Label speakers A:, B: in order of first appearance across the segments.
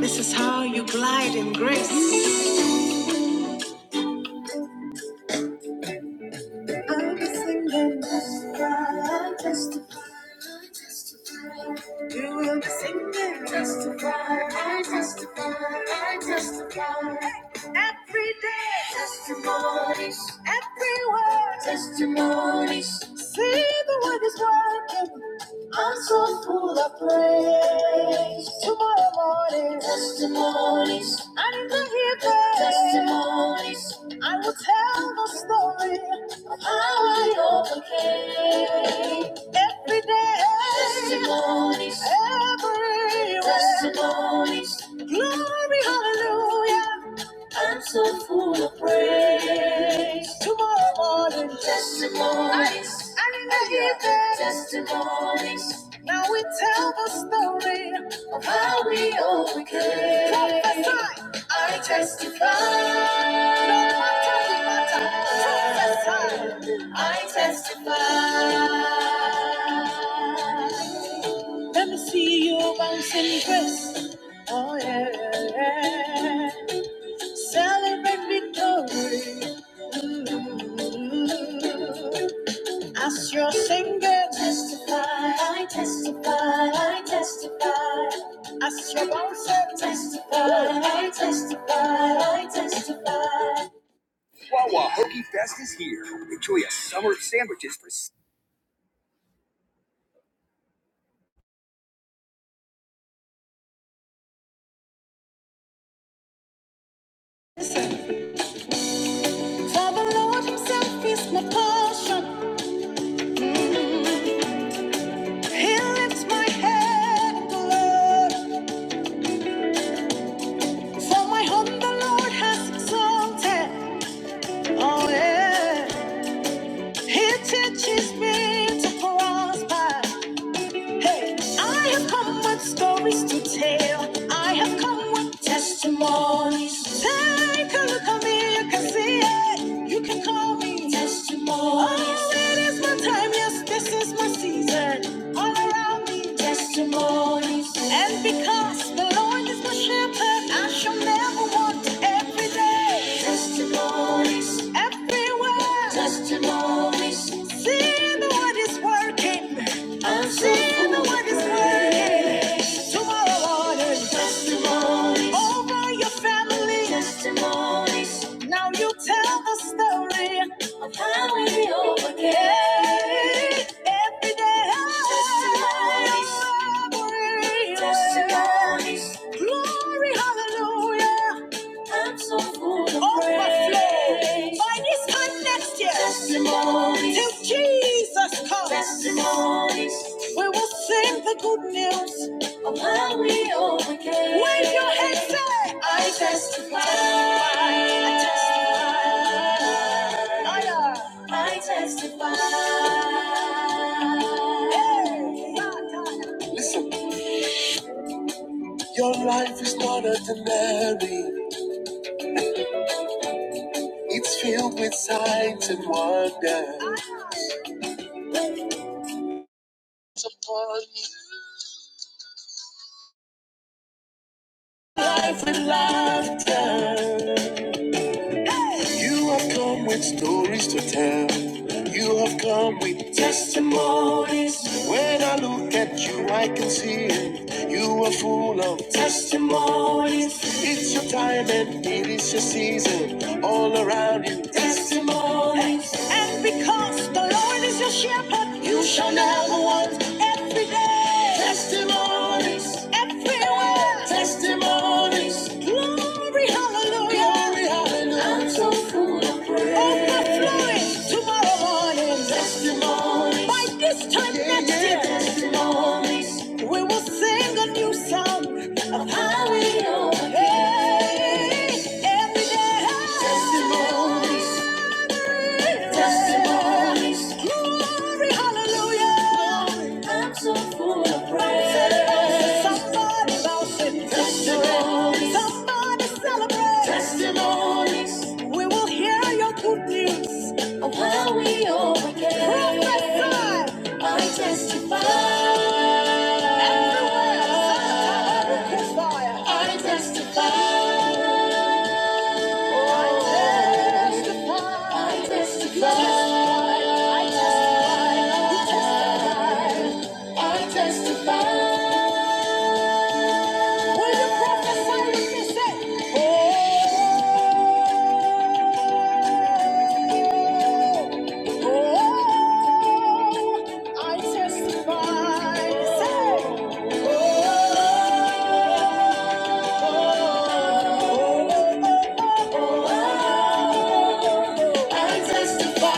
A: This is how you glide in grace. I'll be singing, justify, justify. You will be singing, testify. I testify. I testify. Every day, testimonies. Everywhere, testimonies. See the word is working. I'm so full of praise. Tomorrow morning, testimonies. I need to hear praise. Testimonies. I will tell the story of how I overcame. Every day, testimonies. Everywhere, testimonies. Glory, hallelujah. I'm so full of praise. Tomorrow morning, testimonies. And in the evening, testimonies. Now we tell the story of how we overcame. Prophesy. I testify. No matter the matter, prophesy. I testify. Let me see you bouncing dress. Oh yeah. Celebrate victory. Mm. As your singer testify, I testify, I testify. As your bouncer testify, I testify, I testify. For the Lord Himself is my portion. Mm. He lifts my head in glory. For my home the Lord has exalted. Oh yeah. He teaches me to prosper. Hey, I have come with stories to tell. I have come with testimonies. Take a look at me, you can see it. You can call me testimonies. Oh, it is my time, yes, this is my season. All around me, testimonies. And because the Lord is my shepherd, I shall never want every day. Testimonies. Everywhere. Testimonies. See the Lord is working. I'm seeing the work is working. Tomorrow morning, testimonies over your family. Testimonies. Now you tell the story of how we overcame. Every day, Testimonies testimonies. Glory, hallelujah. I'm so full of Overflow. praise. By this time next year, testimonies. Till Jesus comes, testimonies. We will sing the good news of how we overcame. Wave your hands, say, I testify. I testify. I testify. I testify. Hey. Life with laughter. come with stories to tell. You have come with stories. When I look at you, I can see it. You are full of testimonies time and it's your season. All around you, testimonies. And because the Lord is your shepherd, you shall never want every day. Testimonies. Everywhere. Testimonies. Glory, hallelujah. Glory, hallelujah. I'm so full of praise. Overflowing tomorrow morning. Testimonies. By this time yeah, next yeah, year. Testimonies. We will sing a new song of how we overcame every day. Testimonies, testimonies. Glory, hallelujah. I'm so full of praise. Somebody bounce and testimonies. Somebody celebrate. Testimonies. We will hear your good news of how we overcame. Prophesy. I testify. I testify. I testify. I testify. I testify. I testify. I testify. Will you prophesy with me? Say, oh, oh, I testify. Say, oh. I testify.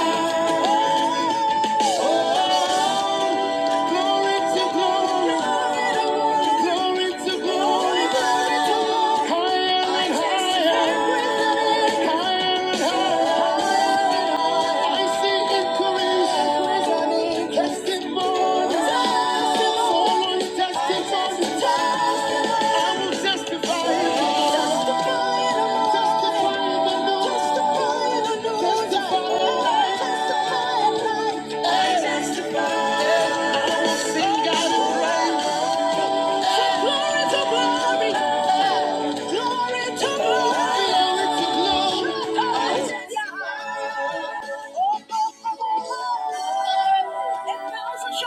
A: Glory to glory, glory to glory, higher and higher, higher and higher. I see increase, testimony. Testify. I will sing out of praise. Shall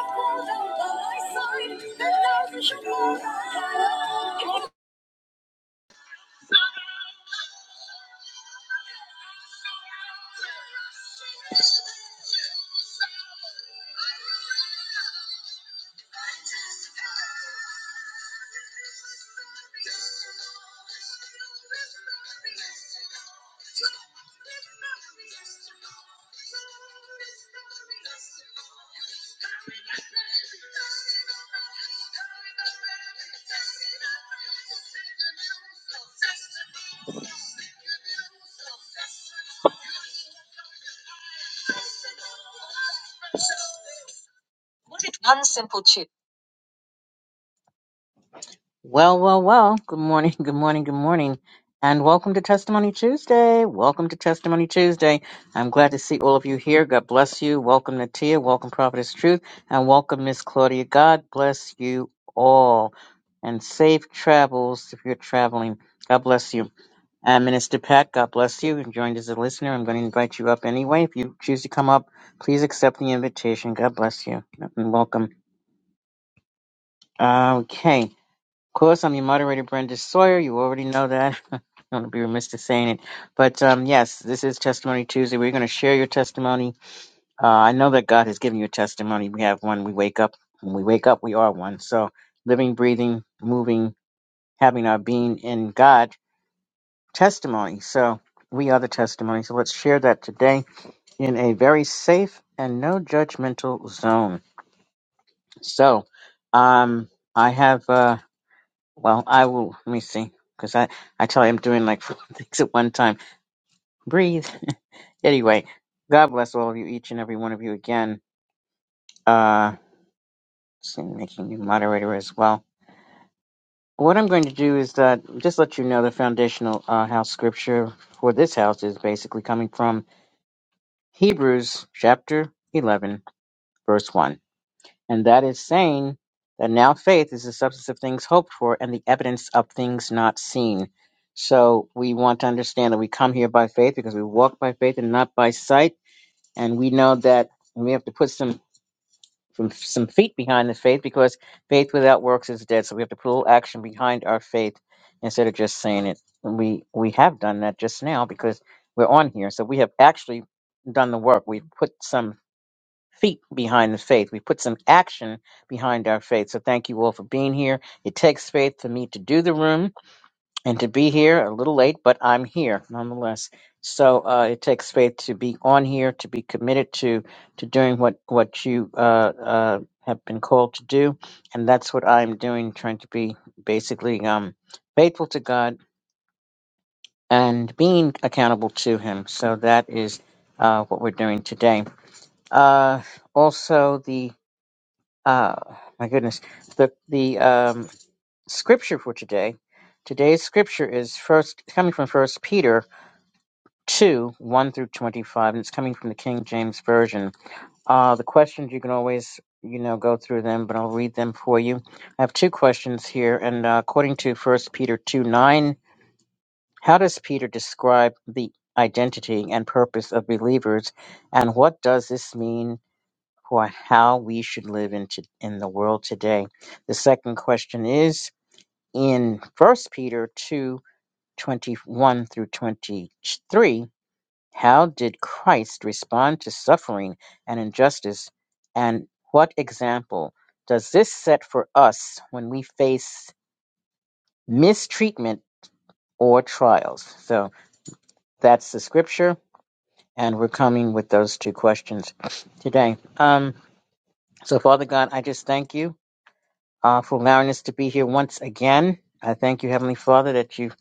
A: fall down by my side, and thousands shall fall down Well, well, well. Good morning, good morning, good morning. And welcome to Testimony Tuesday. Welcome to Testimony Tuesday. I'm glad to see all of you here. God bless you. Welcome, Natia. Welcome, Prophetess Truth. And welcome, Miss Claudia. God bless you all. And safe travels if you're traveling. God bless you. And Minister Pat, God bless you. You joined as a listener. I'm going to invite you up anyway. If you choose to come up, please accept the invitation. God bless you and welcome. Okay course, I'm your moderator, Brenda Sawyer. You already know that. I'm going to be remiss to saying it. But um, yes, this is Testimony Tuesday. We're going to share your testimony. Uh, I know that God has given you a testimony. We have one. We wake up. When we wake up, we are one. So living, breathing, moving, having our being in God, testimony. So we are the testimony. So let's share that today in a very safe and no judgmental zone. So um, I have. Uh, Well, I will. Let me see, because I I tell you I'm doing like four things at one time. Breathe. anyway, God bless all of you, each and every one of you again. Uh, see, making you moderator as well. What I'm going to do is uh, just let you know the foundational uh, house scripture for this house is basically coming from Hebrews chapter 11, verse 1. And that is saying that now faith is the substance of things hoped for and the evidence of things not seen. So we want to understand that we come here by faith because we walk by faith and not by sight. And we know that we have to put some some, some feet behind the faith because faith without works is dead. So we have to put a little action behind our faith instead of just saying it. And we we have done that just now because we're on here. So we have actually done the work. We've put some feet behind the faith. We put some action behind our faith. So thank you all for being here. It takes faith for me to do the room and to be here a little late, but I'm here nonetheless. So uh, it takes faith to be on here, to be committed to to doing what what you uh, uh, have been called to do, and that's what I'm doing, trying to be basically um, faithful to God and being accountable to Him. So that is uh, what we're doing today. Uh, also, uh, my goodness, the the um, scripture for today. Today's scripture is first it's coming from First Peter two one through twenty five, and it's coming from the King James version. Uh, the questions you can always you know go through them, but I'll read them for you. I have two questions here, and uh, according to First Peter two nine, how does Peter describe the identity and purpose of believers, and what does this mean? for how we should live in, to, in the world today. The second question is in First Peter 2 21 through 23 How did Christ respond to suffering and injustice, and what example does this set for us when we face mistreatment or trials? So that's the scripture. And we're coming with those two questions today. Um, so, Father God, I just thank you uh, for allowing us to be here once again. I thank you, Heavenly Father, that you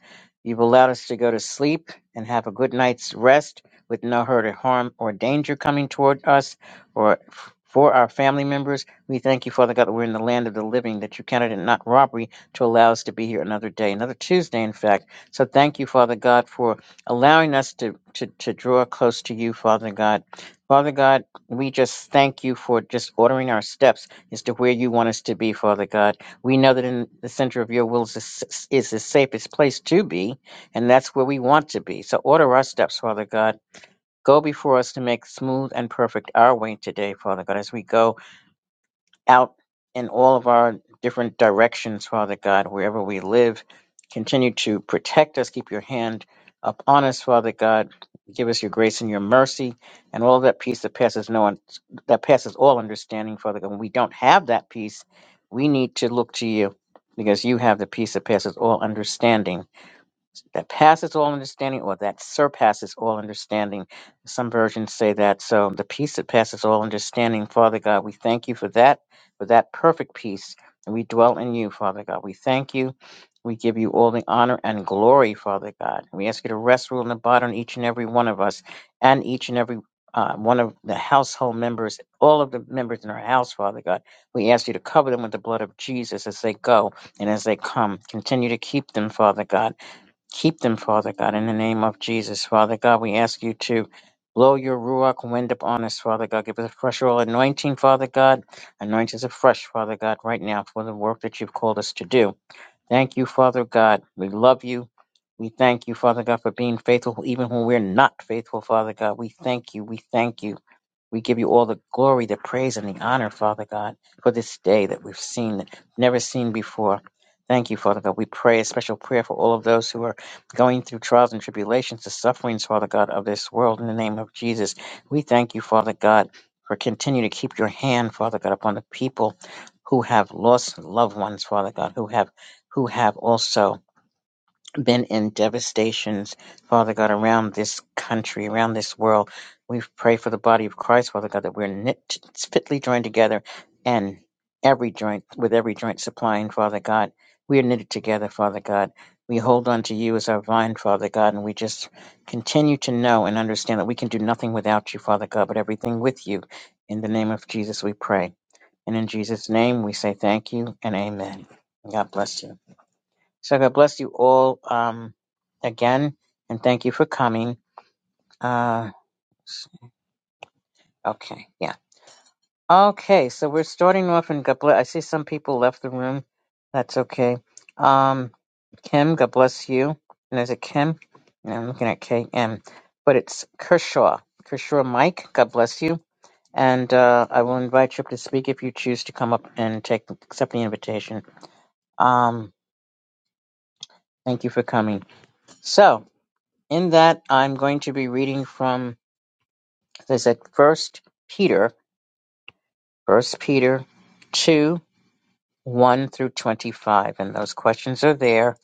A: you've allowed us to go to sleep and have a good night's rest with no hurt or harm or danger coming toward us or f- for our family members. We thank you, Father God, that we're in the land of the living, that you counted it not robbery to allow us to be here another day, another Tuesday, in fact. So thank you, Father God, for allowing us to to, to draw close to you, Father God. Father God, we just thank you for just ordering our steps as to where you want us to be, Father God. We know that in the center of your will is, the is the safest place to be, and that's where we want to be. So order our steps, Father God. Go before us to make smooth and perfect our way today, Father God, as we go out in all of our different directions, Father God, wherever we live. Continue to protect us. Keep your hand upon us, Father God. Give us your grace and your mercy and all that peace that passes no un- that passes all understanding, Father God. When we don't have that peace, we need to look to you because you have the peace that passes all understanding that passes all understanding or that surpasses all understanding. Some versions say that. So the peace that passes all understanding, Father God, we thank you for that, for that perfect peace. And we dwell in you, Father God. We thank you. We give you all the honor and glory, Father God. We ask you to rest, rule, and abide on each and every one of us and each and every uh, one of the household members, all of the members in our house, Father God. We ask you to cover them with the blood of Jesus as they go and as they come. Continue to keep them, Father God. Keep them, Father God, in the name of Jesus. Father God, we ask you to blow your Ruach wind upon us, Father God. Give us a fresh oil anointing, Father God. Anoint us afresh, Father God, right now for the work that you've called us to do. Thank you, Father God. We love you. We thank you, Father God, for being faithful, even when we're not faithful, Father God. We thank you. We thank you. We give you all the glory, the praise, and the honor, Father God, for this day that we've seen, never seen before. Thank you, Father God. We pray a special prayer for all of those who are going through trials and tribulations, the sufferings, Father God, of this world. In the name of Jesus, we thank you, Father God, for continue to keep your hand, Father God, upon the people who have lost loved ones, Father God, who have who have also been in devastations, Father God, around this country, around this world. We pray for the body of Christ, Father God, that we're knit, fitly joined together and every joint, with every joint supplying, Father God. We are knitted together, Father God. We hold on to you as our vine, Father God, and we just continue to know and understand that we can do nothing without you, Father God, but everything with you. In the name of Jesus, we pray. And in Jesus' name, we say thank you and amen. God bless you. So God bless you all um, again, and thank you for coming. Uh, okay, yeah. Okay, so we're starting off, and God bless. I see some people left the room. That's okay. Um, Kim, God bless you. And is it Kim? No, I'm looking at KM, but it's Kershaw. Kershaw Mike, God bless you. And uh, I will invite you up to speak if you choose to come up and take accept the invitation. Um, thank you for coming. So, In that, I'm going to be reading from, is it First Peter, First Peter 2, 1 through 25. And those questions are there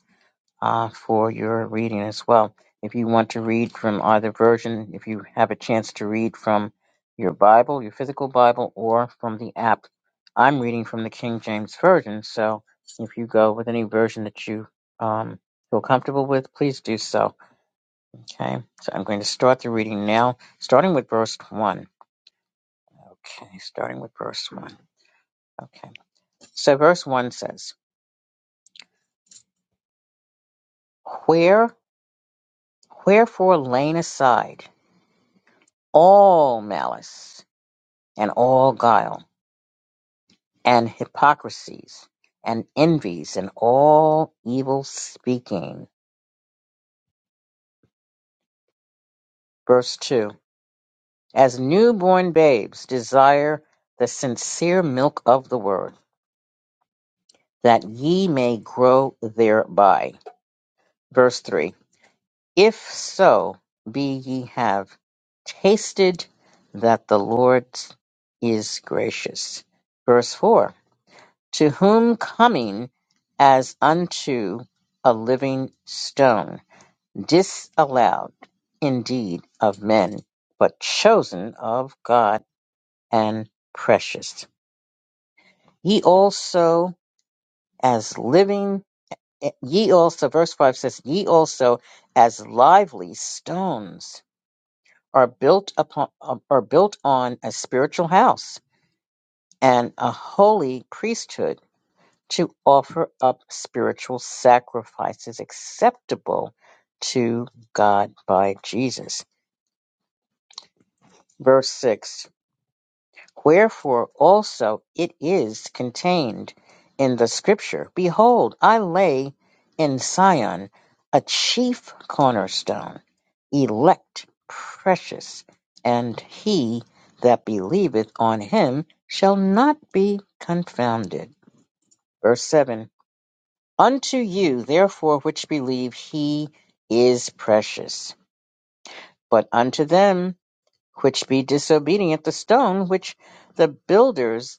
A: uh, for your reading as well. If you want to read from either version, if you have a chance to read from your Bible, your physical Bible, or from the app, I'm reading from the King James Version. So if you go with any version that you um, feel comfortable with, please do so. Okay, so I'm going to start the reading now, starting with verse 1. Okay, starting with verse 1. Okay, so verse 1 says, Where, wherefore laying aside all malice and all guile and hypocrisies and envies and all evil speaking. Verse 2 As newborn babes desire the sincere milk of the word, that ye may grow thereby. Verse 3 If so be ye have tasted that the Lord is gracious. Verse 4 To whom coming as unto a living stone, disallowed indeed of men, but chosen of God and precious. Ye also as living, eh, ye also, verse 5 says, ye also as lively stones are built upon uh, are built on a spiritual house and a holy priesthood to offer up spiritual sacrifices acceptable to God by Jesus. Verse 6 Wherefore also it is contained in the scripture, Behold, I lay in Sion a chief cornerstone, elect, precious, and he that believeth on him shall not be confounded. Verse 7 Unto you, therefore, which believe, he is precious. But unto them which be disobedient, the stone which the builders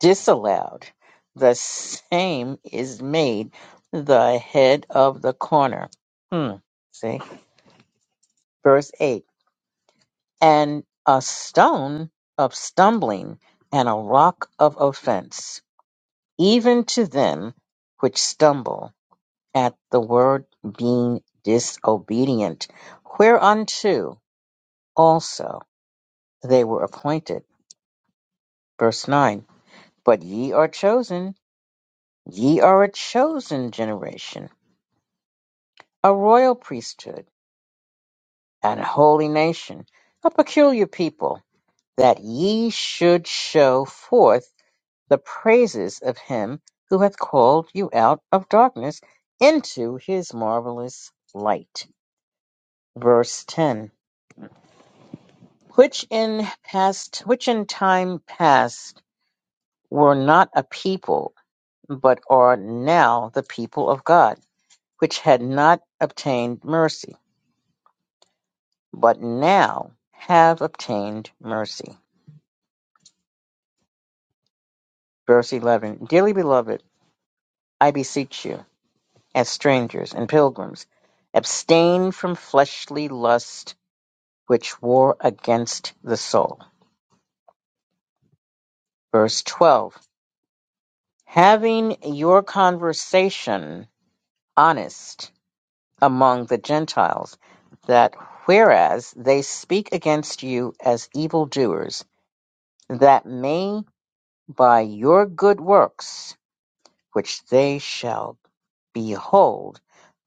A: disallowed, the same is made the head of the corner. Hmm. See, verse 8. And a stone of stumbling and a rock of offense, even to them which stumble at the word being disobedient, whereunto also they were appointed. Verse 9. But ye are chosen, ye are a chosen generation a royal priesthood, and a holy nation, a peculiar people, that ye should show forth the praises of him who hath called you out of darkness into his marvelous light. Verse 10 Which in past which in time past were not a people, but are now the people of God, which had not obtained mercy, but now have obtained mercy Verse 11 Dearly beloved, I beseech you, as strangers and pilgrims, abstain from fleshly lust which war against the soul. Verse 12 Having your conversation honest among the Gentiles, that whereas they speak against you as evildoers, that may by your good works, which they shall Behold,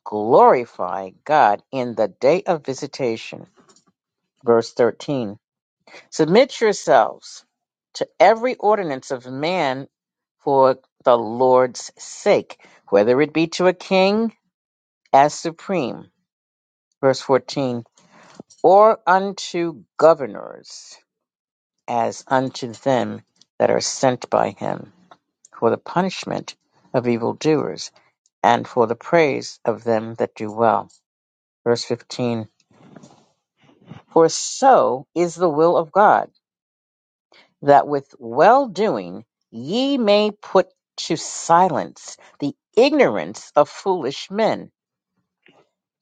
A: glorify God in the day of visitation. Verse 13 Submit yourselves to every ordinance of man for the Lord's sake, whether it be to a king as supreme. Verse 14 Or unto governors as unto them that are sent by him for the punishment of evildoers and for the praise of them that do well. Verse 15 For so is the will of God, that with well doing ye may put to silence the ignorance of foolish men.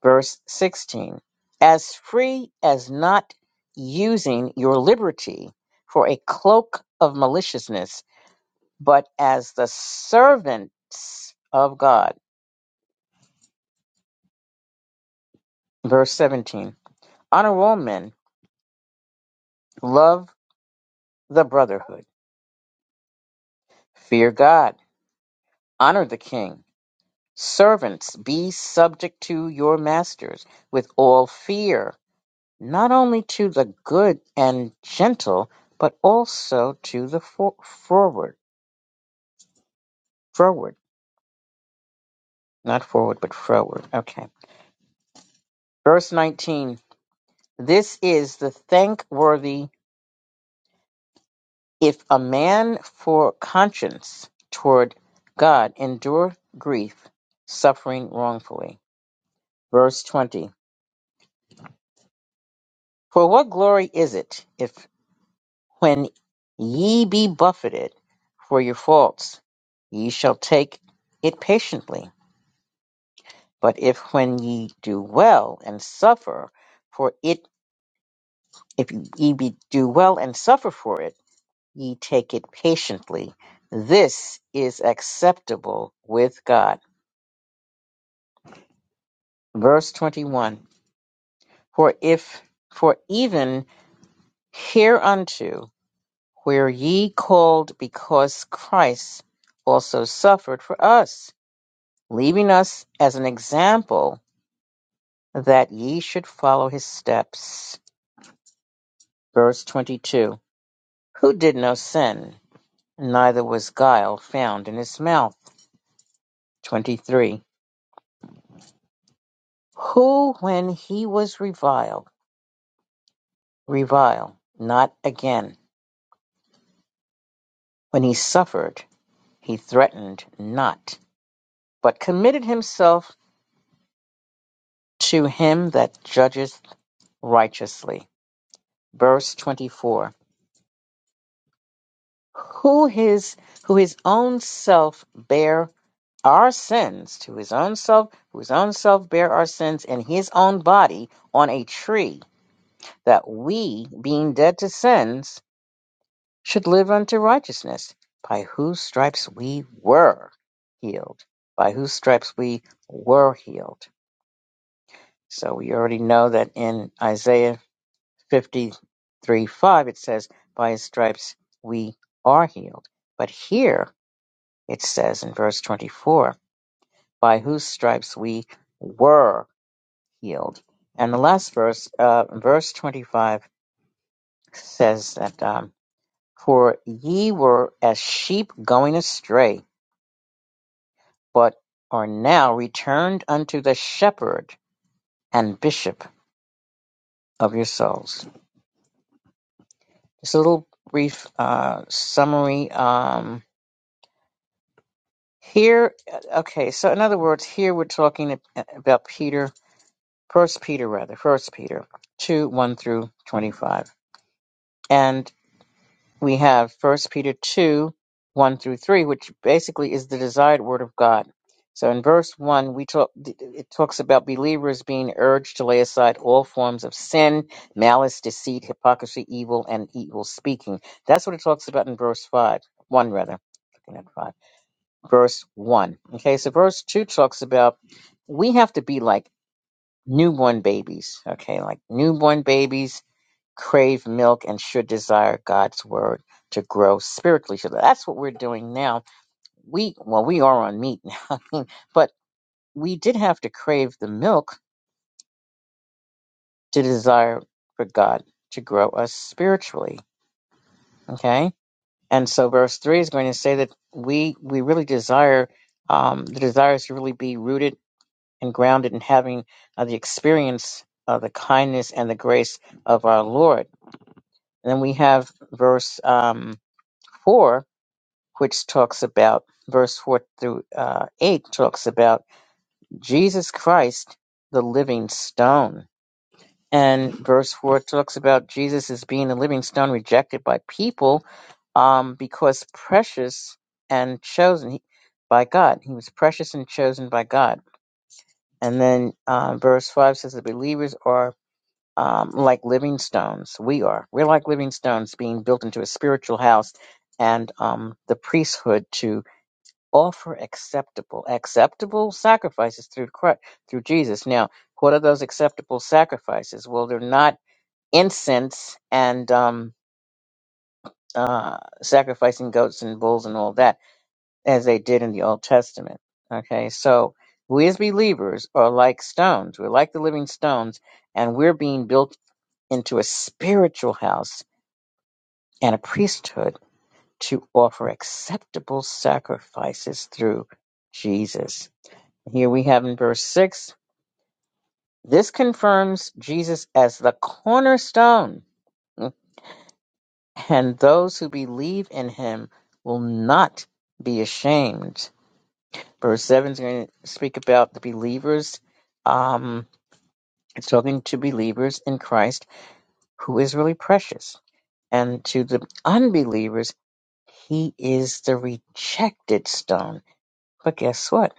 A: Verse 16 As free as not using your liberty for a cloak of maliciousness, but as the servants of God. Verse 17 Honor all men, love the brotherhood, fear God, honor the king Servants, be subject to your masters with all fear, not only to the good and gentle, but also to the for- forward. Forward, not forward, but forward. Okay. Verse 19. This is the thankworthy. If a man for conscience toward God endure grief, suffering wrongfully. Verse 20. For what glory is it if? When ye be buffeted for your faults, ye shall take it patiently. But if when ye do well and suffer for it, if ye be, do well and suffer for it, ye take it patiently. This is acceptable with God. Verse 21 For if, for even hereunto were ye called, because Christ also suffered for us leaving us as an example that ye should follow his steps. Verse 22 Who did no sin, neither was guile found in his mouth. 23 Who, when he was reviled, revile not again. When he suffered, he threatened not, but committed himself to him that judgeth righteously. Verse 24 Who his who his own self bare our sins to his own self, whose own self bare our sins in his own body on a tree, that we, being dead to sins, should live unto righteousness, by whose stripes we were healed. By whose stripes we were healed. So we already know that in Isaiah 53 5, it says, By his stripes we are healed. But here it says in verse 24, By whose stripes we were healed. And the last verse, uh, verse 25, says that, um, For ye were as sheep going astray, but are now returned unto the shepherd and bishop of your souls. Just a little brief uh, summary. Um, here, uh, okay, so in other words, here we're talking about Peter, First Peter rather, First Peter 2 1 through 25. and. we have First Peter 2 1 through 3, which basically is the desired word of God. So in verse 1, we talk, it talks about believers being urged to lay aside all forms of sin, malice, deceit, hypocrisy, evil, and evil speaking. That's what it talks about in verse 5, 1 rather. Looking at 5. Verse 1. Okay, so verse 2 talks about we have to be like newborn babies. Okay, like newborn babies crave milk and should desire God's word to grow spiritually. So that's what we're doing now. We well, we are on meat now, I mean, but we did have to crave the milk to desire for God to grow us spiritually. Okay, and so verse three is going to say that we we really desire um, the desires to really be rooted and grounded in having uh, the experience of the kindness and the grace of our Lord. And then we have verse um, four which talks about verse 4 through uh, 8 talks about Jesus Christ, the living stone. And verse 4 talks about Jesus as being a living stone rejected by people um, because precious and chosen by God. He was precious and chosen by God. And then uh, verse 5 says the believers are um, like living stones. We are. We're like living stones being built into a spiritual house and um, the priesthood to offer acceptable acceptable sacrifices through Christ, through Jesus. Now, what are those acceptable sacrifices? Well, they're not incense and um, uh, sacrificing goats and bulls and all that as they did in the Old Testament. Okay, so we as believers are like stones. We're like the living stones, and we're being built into a spiritual house and a priesthood to offer acceptable sacrifices through Jesus. Here we have in verse 6 this confirms Jesus as the cornerstone, and those who believe in him will not be ashamed. Verse 7 is going to speak about the believers. Um, it's talking to believers in Christ who is really precious. And to the unbelievers, he is the rejected stone. But guess what?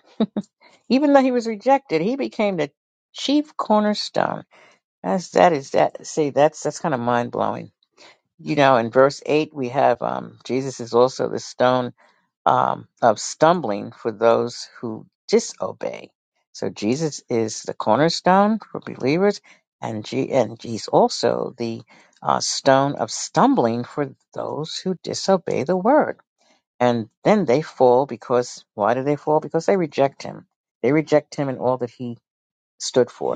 A: Even though he was rejected, he became the chief cornerstone That's that is that. See, that's that's kind of mind blowing. You know, in verse eight, we have um, Jesus is also the stone um, of stumbling for those who disobey. So Jesus is the cornerstone for believers, and G- and he's also the uh, stone of stumbling for those who disobey the word. And then they fall because why do they fall? Because they reject him. They reject him and all that he stood for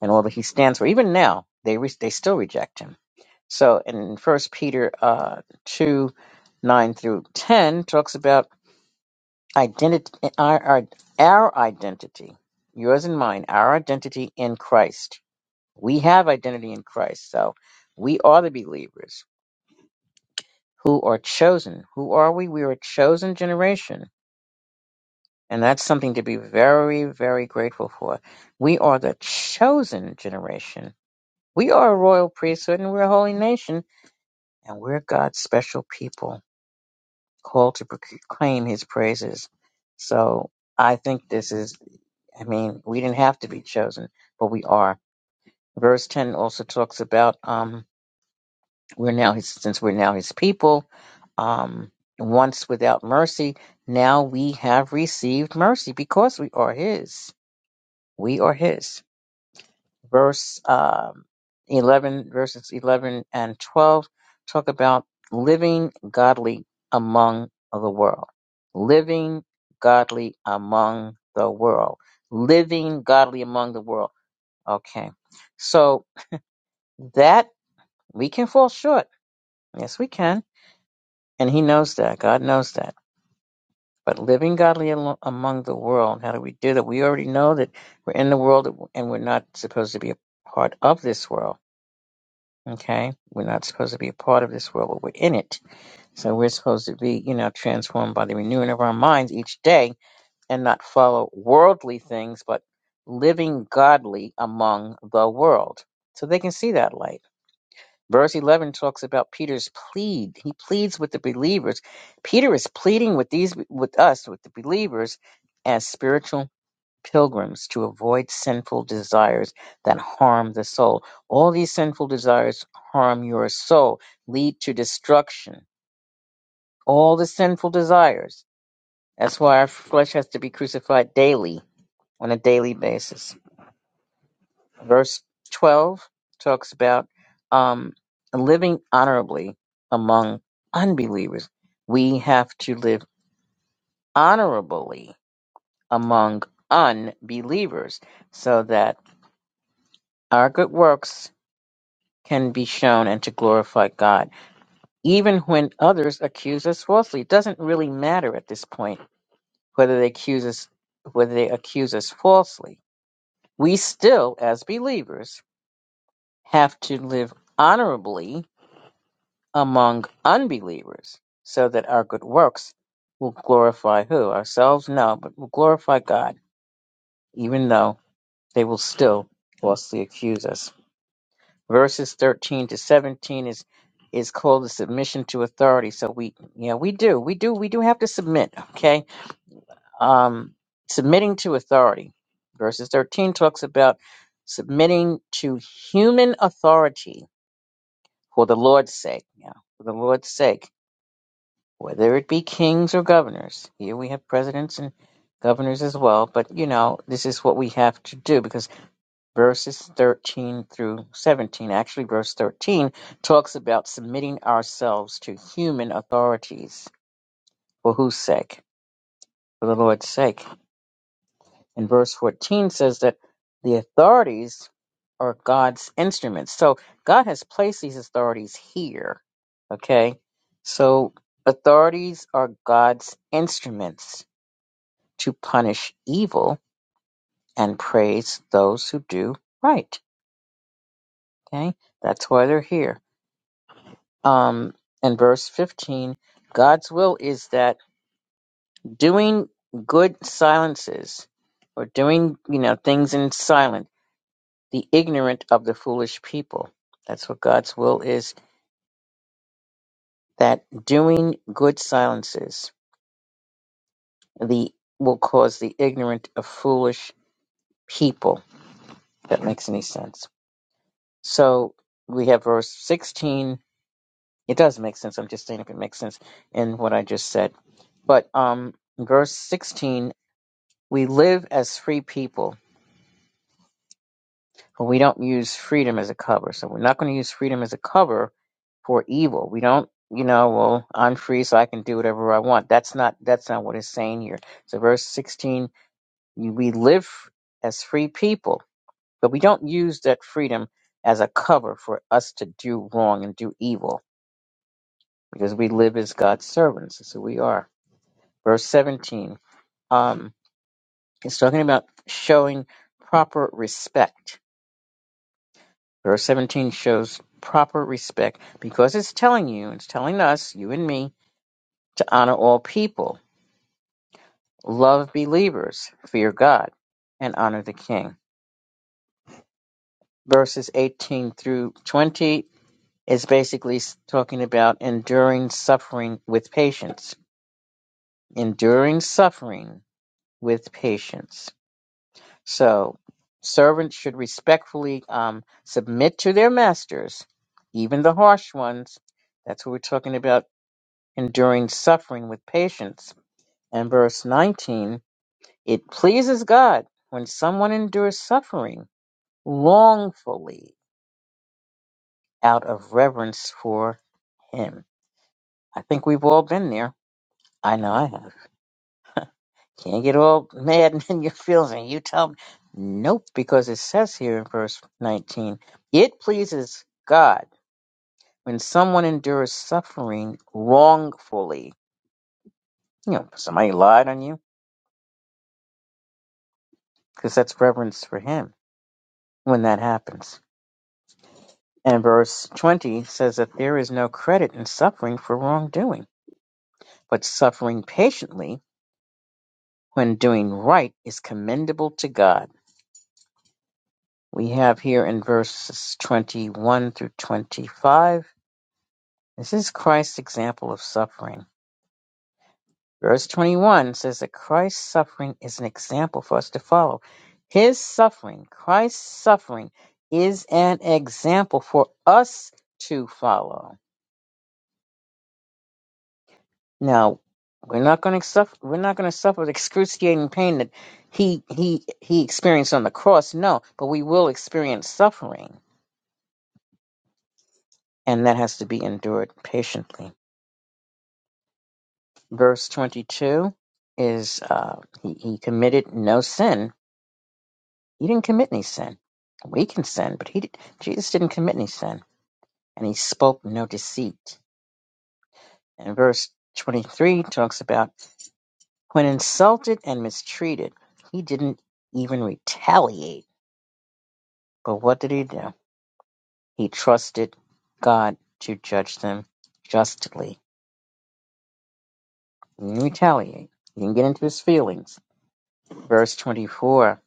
A: and all that he stands for. Even now, they re- they still reject him. So in First Peter uh, two nine through ten talks about identity our, our our identity, yours and mine, our identity in Christ. We have identity in Christ, so we are the believers who are chosen. Who are we? We are a chosen generation. And that's something to be very, very grateful for. We are the chosen generation. We are a royal priesthood and we're a holy nation and we're God's special people called to proclaim his praises. So I think this is, I mean, we didn't have to be chosen, but we are. Verse 10 also talks about um, we're now his, since we're now his people, um, once without mercy, now we have received mercy because we are his. We are his. verse um, 11, verses 11 and 12 talk about living godly among the world. Living godly among the world. Living godly among the world. Okay. So that we can fall short. Yes, we can. And he knows that. God knows that. But living godly alo- among the world, how do we do that? We already know that we're in the world and we're not supposed to be a part of this world Okay? We're not supposed to be a part of this world, but we're in it. So we're supposed to be, you know, transformed by the renewing of our minds each day and not follow worldly things, but living godly among the world. So they can see that light. Verse 11 talks about Peter's plead. He pleads with the believers. Peter is pleading with these, with us, with the believers as spiritual pilgrims to avoid sinful desires that harm the soul. All these sinful desires harm your soul, lead to destruction. All the sinful desires. That's why our flesh has to be crucified daily, on a daily basis. Verse 12 talks about um, living honorably among unbelievers. We have to live honorably among unbelievers so that our good works can be shown and to glorify God, even when others accuse us falsely. It doesn't really matter at this point whether they accuse us whether they accuse us falsely. We still, as believers, have to live honorably among unbelievers so that our good works will glorify who? Ourselves? No, but will glorify God, even though they will still falsely accuse us. Verses 13 to 17 is is called the submission to authority. So we, yeah, we do, we do, we do have to submit. Okay, um, submitting to authority. Verses 13 talks about submitting to human authority for the Lord's sake. Yeah, for the Lord's sake, whether it be kings or governors. Here we have presidents and governors as well. But you know, this is what we have to do because verses 13 through 17. Actually, verse 13 talks about submitting ourselves to human authorities. For whose sake? For the Lord's sake. And verse 14 says that the authorities are God's instruments. So God has placed these authorities here. Okay? So authorities are God's instruments to punish evil and praise those who do right. Okay? That's why they're here. um, and verse 15, God's will is that doing good silences or doing, you know, things in silent, the ignorant of the foolish people. That's what God's will is that doing good silences the will cause the ignorant of foolish people. If that makes any sense. So we have verse 16. It does make sense. I'm just saying if it makes sense in what I just said. But um verse 16 We live as free people, but we don't use freedom as a cover. So we're not going to use freedom as a cover for evil. We don't, you know, well, I'm free, so I can do whatever I want. That's not that's not what it's saying here. So verse 16, you- we live as free people, but we don't use that freedom as a cover for us to do wrong and do evil because we live as God's servants. That's who we are. Verse 17, um, it's talking about showing proper respect Verse 17 shows proper respect because it's telling you, it's telling us, you and me, to honor all people, love believers, fear God, and honor the king. Verses 18 through 20 is basically s- talking about enduring suffering with patience. Enduring suffering with patience. So, servants should respectfully um, submit to their masters, even the harsh ones. That's what we're talking about enduring suffering with patience. And verse 19, it pleases God when someone endures suffering longfully out of reverence for Him. I think we've all been there. I know I have. Can't get all mad and in your feelings and you tell me. Nope, because it says here in verse 19, it pleases God when someone endures suffering wrongfully. You know, somebody lied on you because that's reverence for Him when that happens. And verse 20 says that there is no credit in suffering for wrongdoing, but suffering patiently when doing right is commendable to God. We have here in verses 21 through 25, this is Christ's example of suffering. Verse 21 says that Christ's suffering is an example for us to follow. His suffering, Christ's suffering, is an example for us to follow. Now, we're not going to suffer. We're not going to suffer the excruciating pain that he he he experienced on the cross. No, but we will experience suffering, and that has to be endured patiently. Verse twenty-two is uh, he, he committed no sin. He didn't commit any sin. We can sin, but he did, Jesus didn't commit any sin, and he spoke no deceit. And verse twenty-three talks about when insulted and mistreated, he didn't even retaliate But what did he do? He trusted God to judge them justly. He didn't retaliate. He didn't get into his feelings. Verse 24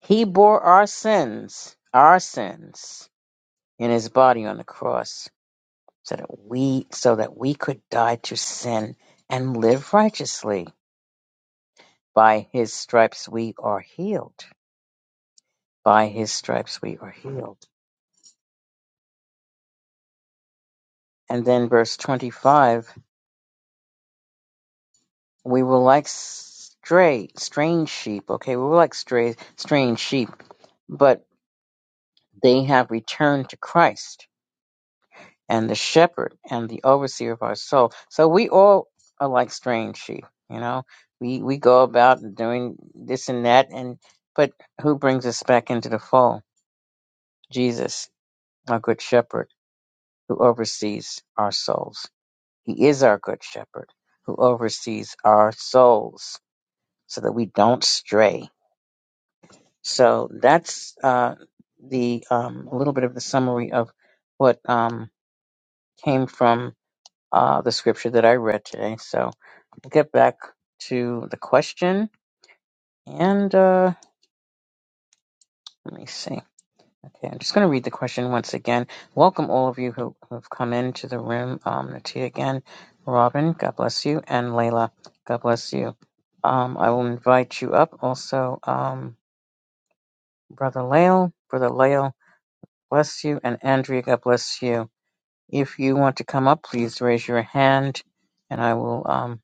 A: He bore our sins, our sins, in his body on the cross, so that we, so that we could die to sin and live righteously. By his stripes we are healed. By his stripes we are healed. And then verse 25 We were like stray, strange sheep. Okay, we were like stray, strange sheep, but they have returned to Christ and the shepherd and the overseer of our soul. So we all are like strange sheep. You know, we we go about doing this and that, and but who brings us back into the fold? Jesus, our good shepherd, who oversees our souls. He is our good shepherd who oversees our souls so that we don't stray So that's uh, the um, a little bit of the summary of what um, came from uh, the scripture that I read today. So we'll get back to the question. And uh, let me see. Okay, I'm just going to read the question once again. Welcome, all of you who who have come into the room. Um, Natia again, Robin, God bless you, and Layla, God bless you. Um, I will invite you up. Also, um, Brother Lael, Brother Lael, bless you, and Andrea, God bless you. If you want to come up, please raise your hand and I will um,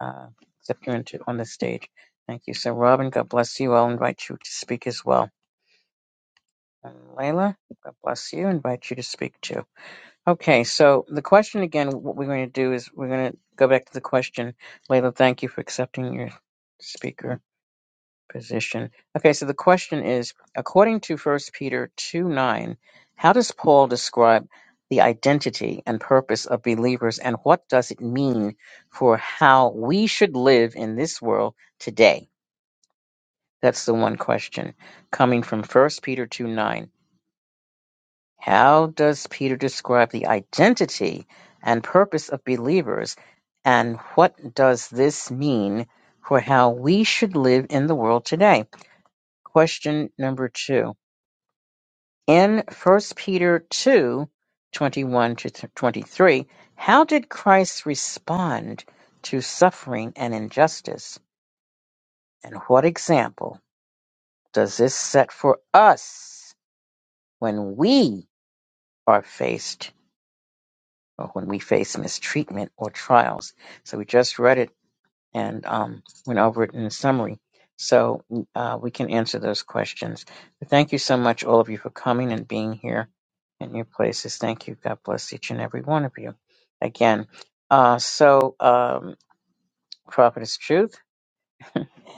A: uh, accept you into, on the stage. Thank you. So, Robin, God bless you. I'll invite you to speak as well. And Layla, God bless you. Invite you to speak too. Okay, so the question again, what we're going to do is we're going to go back to the question. Layla, thank you for accepting your speaker position. Okay, so the question is, according to First Peter 2 9, how does Paul describe the identity and purpose of believers, and what does it mean for how we should live in this world today? That's the one question coming from First Peter 2 9. How does Peter describe the identity and purpose of believers, and what does this mean for how we should live in the world today? Question number two in First Peter two twenty one to twenty three, how did Christ respond to suffering and injustice? And what example does this set for us when we are faced or when we face mistreatment or trials? So we just read it and um, went over it in a summary. So uh, we can answer those questions. But thank you so much, all of you, for coming and being here in your places. Thank you. God bless each and every one of you. Again, uh, so um, Prophetess Truth,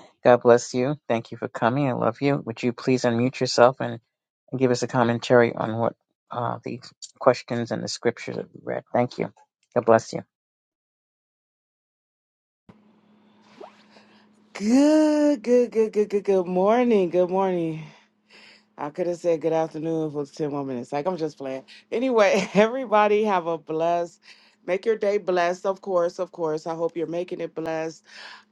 A: God bless you. Thank you for coming. I love you. Would you please unmute yourself and, and give us a commentary on what uh, the questions and the scripture that we read? Thank you. God bless you.
B: Good, good, good, good, good, good morning. Good morning. I could have said good afternoon for 10 more minutes. Like, I'm just playing. Anyway, everybody have a blessed, make your day blessed, of course, of course. I hope you're making it blessed.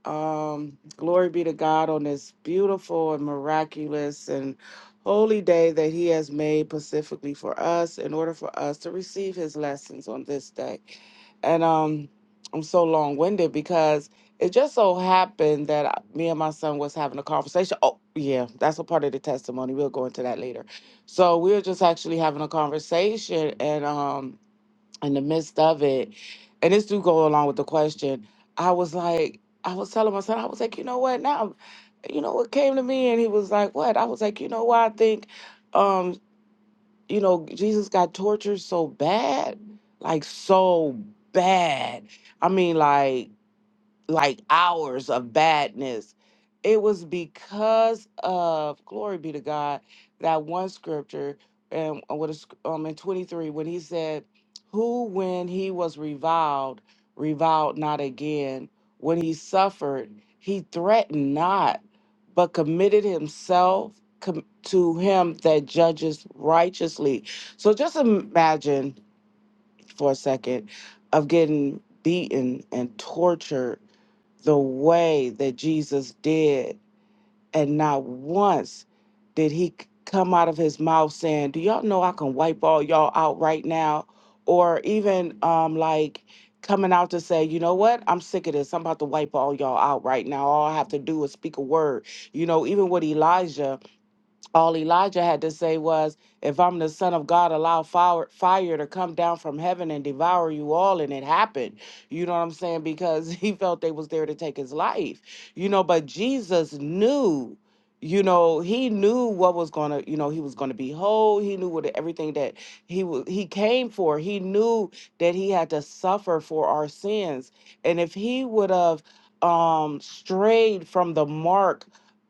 B: Um, glory be to God on this beautiful and miraculous and holy day that He has made specifically for us in order for us to receive His lessons on this day. And um, I'm so long winded because it just so happened that I- me and my son was having a conversation. Oh, yeah, that's a part of the testimony. We'll go into that later. So we were just actually having a conversation, and um, in the midst of it, and this do go along with the question. I was like, I was telling my son, I was like, you know what? Now, you know what came to me, and he was like, what? I was like, you know why I think, um, you know, Jesus got tortured so bad, like so bad. I mean, like like hours of badness. It was because of glory be to God that one scripture and what is um in 23 when he said, "Who when he was reviled, reviled not again; when he suffered, he threatened not, but committed himself com- to him that judges righteously." So just imagine for a second of getting beaten and tortured the way that Jesus did. And not once did he c- come out of his mouth saying, Do y'all know I can wipe all y'all out right now? Or even um, like coming out to say, You know what? I'm sick of this. I'm about to wipe all y'all out right now. All I have to do is speak a word. You know, even with Elijah all Elijah had to say was, If I'm the son of God, allow fire, fire to come down from heaven and devour you all. And it happened. You know what I'm saying? Because he felt they was there to take his life. You know, but Jesus knew, you know, he knew what was gonna, you know, he was gonna be whole. He knew what everything that he was he came for. He knew that he had to suffer for our sins. And if he would have um strayed from the mark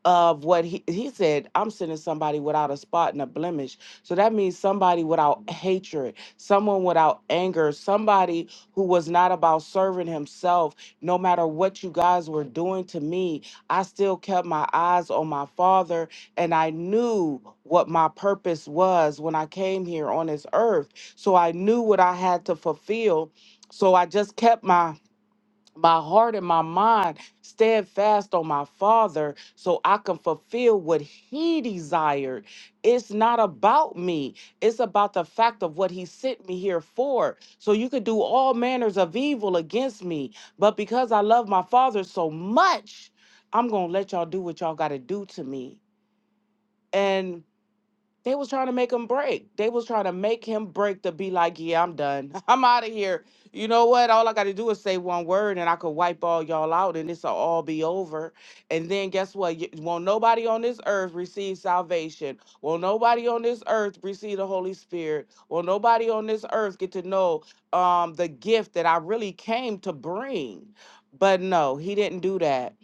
B: of what he he said i'm sending somebody without a spot and a blemish so that means somebody without hatred someone without anger somebody who was not about serving himself no matter what you guys were doing to me i still kept my eyes on my father and i knew what my purpose was when i came here on this earth so i knew what i had to fulfill so i just kept my my heart and my mind steadfast on my father so I can fulfill what he desired. It's not about me, it's about the fact of what he sent me here for. So you could do all manners of evil against me, but because I love my father so much, I'm going to let y'all do what y'all got to do to me. And they was trying to make him break. They was trying to make him break to be like, yeah, I'm done. I'm out of here. You know what? All I got to do is say one word and I could wipe all y'all out and this'll all be over. And then guess what? Y- Won't nobody on this earth receive salvation. Won't nobody on this earth receive the Holy Spirit. Won't nobody on this earth get to know um, the gift that I really came to bring. But no, he didn't do that.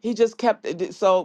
B: He just kept it. So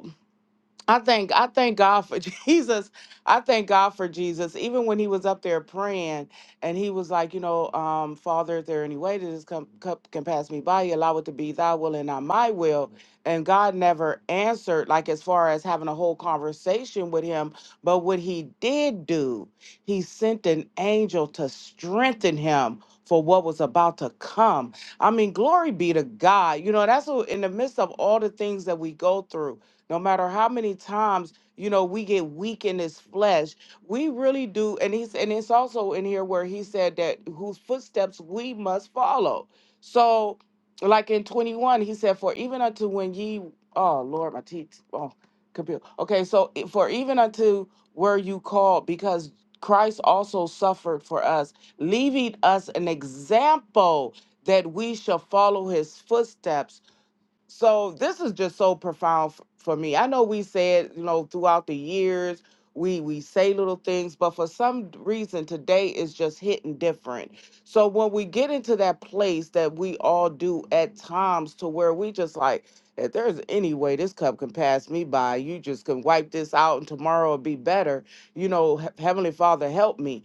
B: I thank I thank God for Jesus. I thank God for Jesus. Even when he was up there praying and he was like, you know, um, Father, if there any way that this cup cup can pass me by, you allow it to be thy will and not my will. And God never answered, like as far as having a whole conversation with him. But what he did do, he sent an angel to strengthen him for what was about to come. I mean, glory be to God. You know, that's what in the midst of all the things that we go through no matter how many times, you know, we get weak in this flesh, we really do. And he's and it's also in here where he said that whose footsteps we must follow. So, like in 21, he said, For even unto when ye oh Lord, my teeth, oh computer. Okay, so i- for even unto were you called, because Christ also suffered for us, leaving us an example that we shall follow his footsteps so this is just so profound f- for me i know we said you know throughout the years we we say little things but for some reason today is just hitting different so when we get into that place that we all do at times to where we just like if there's any way this cup can pass me by you just can wipe this out and tomorrow will be better you know "Hea- heavenly father help me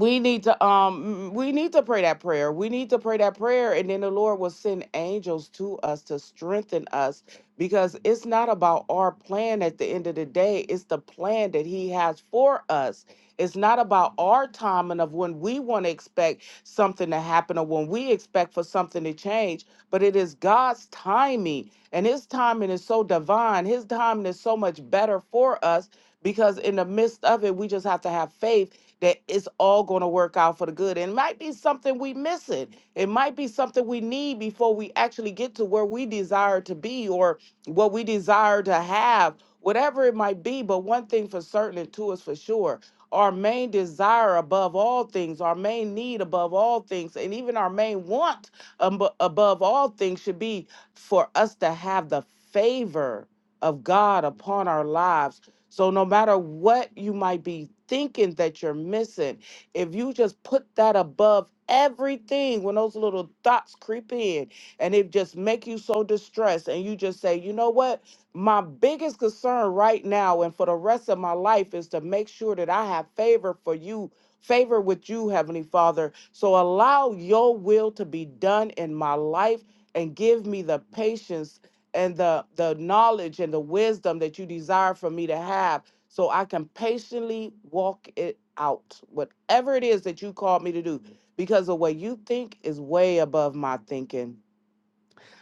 B: we need to um we need to pray that prayer we need to pray that prayer and then the lord will send angels to us to strengthen us because it's not about our plan at the end of the day it's the plan that he has for us it's not about our timing of when we want to expect something to happen or when we expect for something to change but it is god's timing and his timing is so divine his timing is so much better for us because in the midst of it we just have to have faith that it's all going to work out for the good. And it might be something we missing. It might be something we need before we actually get to where we desire to be or what we desire to have, whatever it might be. But one thing for certain and two is for sure. Our main desire above all things, our main need above all things, and even our main want abo- above all things should be for us to have the favor of God upon our lives so, no matter what you might be thinking that you're missing, if you just put that above everything, when those little thoughts creep in and it just make you so distressed, and you just say, you know what? My biggest concern right now and for the rest of my life is to make sure that I have favor for you, favor with you, Heavenly Father. So, allow your will to be done in my life and give me the patience and the the knowledge and the wisdom that you desire for me to have so I can patiently walk it out whatever it is that you called me to do because the way you think is way above my thinking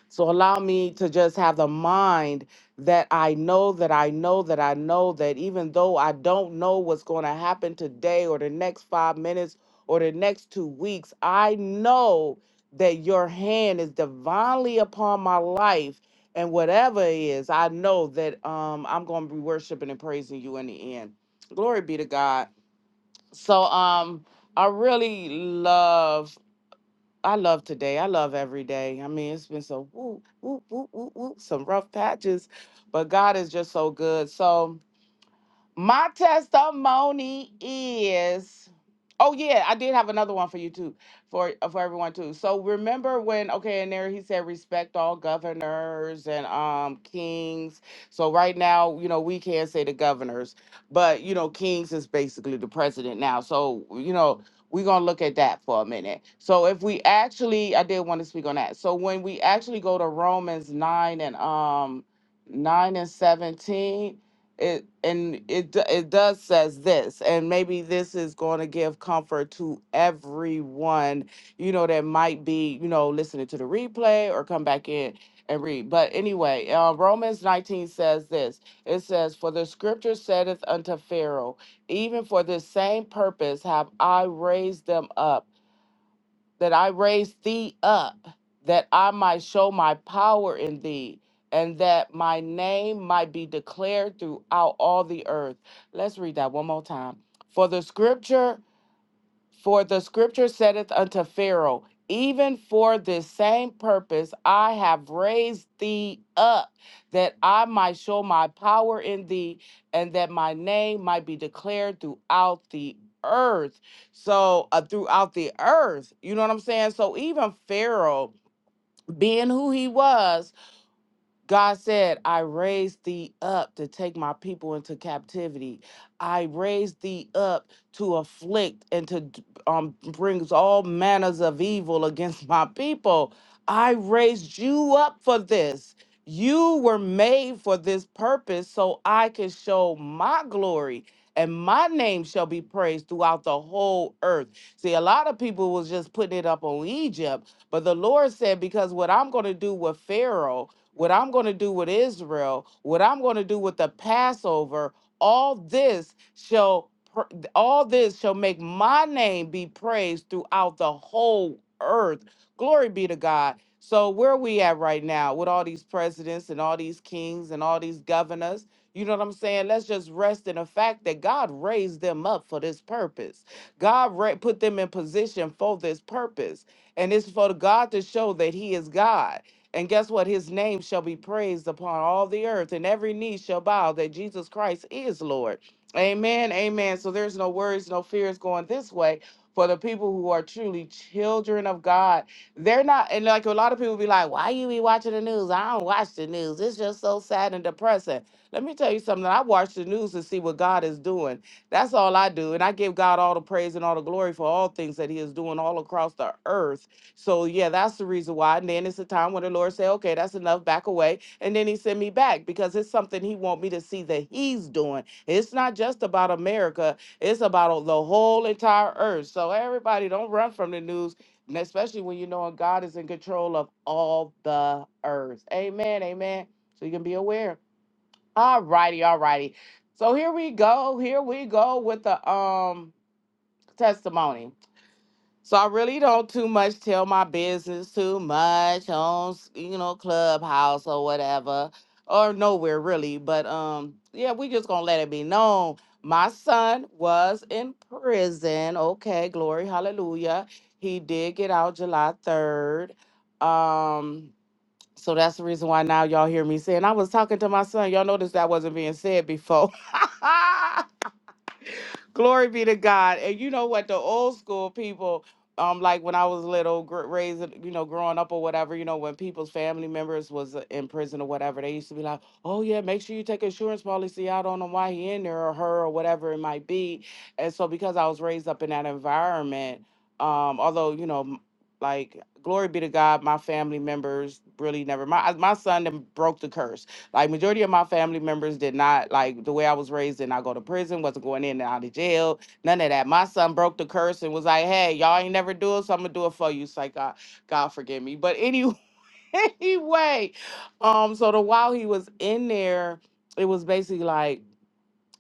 B: so allow me to just have the mind that I know that I know that I know that even though I don't know what's going to happen today or the next five minutes or the next two weeks, I know that your hand is divinely upon my life. And whatever it is, I know that um, I'm going to be worshiping and praising you in the end. Glory be to God. So um, I really love I love today. I love every day. I mean, it's been so whoop, whoop, whoop, whoop, whoop, some rough patches, but God is just so good. So, my testimony is oh yeah, I did have another one for you too, for uh, for everyone too. So remember when okay, in there he said respect all governors and um kings. So right now, you know, we can't say the governors, but you know, kings is basically the president now. So, you know, we're gonna look at that for a minute. So if we actually I did want to speak on that. So when we actually go to Romans 9 and um 9 and 17 it and it d- it does says this and maybe this is going to give comfort to everyone you know that might be you know listening to the replay or come back in and read but anyway uh, romans 19 says this it says for the scripture saith unto pharaoh even for this same purpose have i raised them up that I raised thee up, that I might show my power in thee, and that my name might be declared throughout all the earth. Let's read that one more time. For the scripture for the scripture saith unto Pharaoh, Even for this same purpose I have raised thee up, that I might show my power in thee, and that my name might be declared throughout the earth. So, uh, throughout the earth, you know what I'm saying? So, even Pharaoh, being who he was, God said, I raised thee up to take my people into captivity. I raised thee up to afflict and to d- um, brings all manners of evil against my people. I raised you up for this. You were made for this purpose so I can show my glory and my name shall be praised throughout the whole earth. See, a lot of people was just putting it up on Egypt, but the Lord said, because what I'm going to do with Pharaoh what I'm going to do with Israel, what I'm going to do with the Passover, all this shall pr- all this shall make my name be praised throughout the whole earth. Glory be to God. So where we at right now with all these presidents and all these kings and all these governors, you know what I'm saying? Let's just rest in the fact that God raised them up for this purpose. God ra- put them in position for this purpose. And it's for God to show that He is God. And guess what? His name shall be praised upon all the earth, and every knee shall bow that Jesus Christ is Lord. Amen. Amen. So there's no worries, no fears going this way for the people who are truly children of God. They're not, and like a lot of people be like, why you be watching the news? I don't watch the news. It's just so sad and depressing. Let me tell you something. I watch the news to see what God is doing. That's all I do. And I give God all the praise and all the glory for all things that He is doing all across the earth so yeah, that's the reason why. And then it's a time when the Lord say, "Okay, that's enough. Back away." And then He send me back because it's something He want me to see that He's doing. It's not just about America; it's about the whole entire earth. So everybody, don't run from the news, and especially when you know God is in control of all the earth. Amen. Amen. So you can be aware. All righty. All righty. So here we go. Here we go with the um testimony. So I really don't too much tell my business too much on s- you know Clubhouse or whatever or nowhere really. But um yeah, we just gonna let it be known. My son was in prison. Okay, glory, hallelujah. He did get out July third. Um, so that's the reason why now y'all hear me saying I was talking to my son. Y'all notice that wasn't being said before. Glory be to God. And you know what? The old school people, um, like when I was little, gr- raised, you know, growing up or whatever, you know, when people's family members was uh, in prison or whatever, they used to be like, "Oh yeah, make sure you take insurance policy out on him why he in there or her or whatever it might be." And so, because I was raised up in that environment, um, although you know, m- like glory be to God, my family members really never. My my son done broke the curse like majority of my family members did not like the way I was raised. Did not go to prison. Wasn't going in and out of jail. None of that. My son broke the curse and was like, "Hey, y'all ain't never do it, so I'm gonna do it for you." It's like God, God forgive me. But anyway, anyway, um, so the while he was in there, it was basically like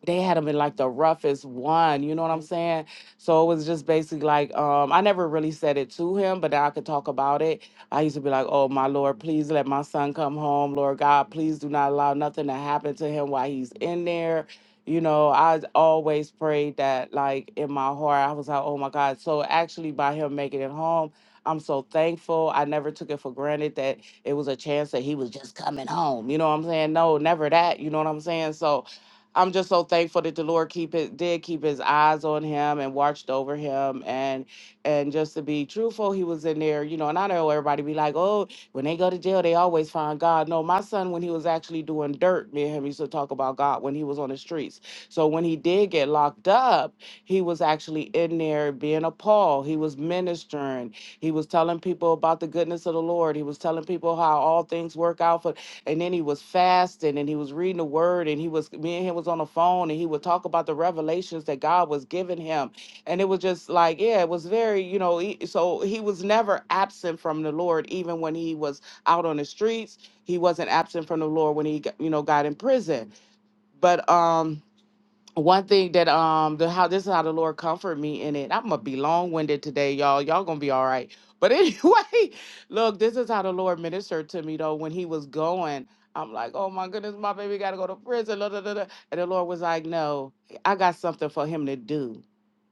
B: they had them in like the roughest one, you know what I'm saying? So it was just basically like, um, I never really said it to him, but I could talk about it. I used to be like, oh, my Lord, please let my son come home. Lord God, please do not allow nothing to happen to him while he's in there. You know, I always prayed that, like, in my heart, I was like, oh my God. So actually, by him making it home, I'm so thankful. I never took it for granted that it was a chance that he was just coming home. You know what I'm saying? No, never that. You know what I'm saying? So, I'm just so thankful that the Lord keep it did keep his eyes on him and watched over him and and just to be truthful, he was in there, you know, and I know everybody be like, Oh, when they go to jail, they always find God. No, my son when he was actually doing dirt, me and him used to talk about God when he was on the streets. So when he did get locked up, he was actually in there being a Paul. He was ministering. He was telling people about the goodness of the Lord. He was telling people how all things work out for and then he was fasting and he was reading the word and he was me and him was on the phone and he would talk about the revelations that God was giving him and it was just like yeah it was very you know he, so he was never absent from the Lord even when he was out on the streets he wasn't absent from the Lord when he got- you know got in prison but um one thing that um the how this is how the Lord comfort me in it. I'm gonna be long winded today, y'all. Y'all gonna be all right. But anyway, look, this is how the Lord ministered to me though when he was going. I'm like, oh my goodness, my baby gotta go to prison. la, da, da, da." And the Lord was like, no, I got something for him to do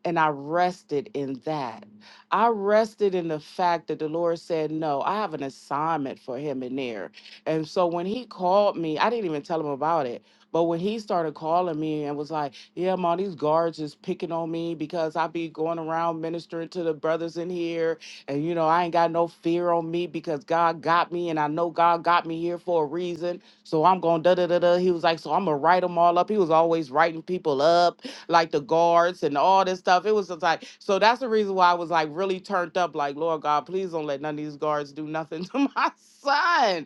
B: and I rested in that. I rested in the fact that the Lord said, No, I have an assignment for him in there. And so when he called me, I didn't even tell him about it. But when he started calling me and was like, Yeah, mom, these guards is picking on me because I be going around ministering to the brothers in here. And, you know, I ain't got no fear on me because God got me and I know God got me here for a reason. So I'm going da da da da. He was like, So I'm going to write them all up. He was always writing people up like the guards and all this stuff. It was just like so that's the reason why I was like really turned up, like Lord God, please don't let none of these guards do nothing to my son.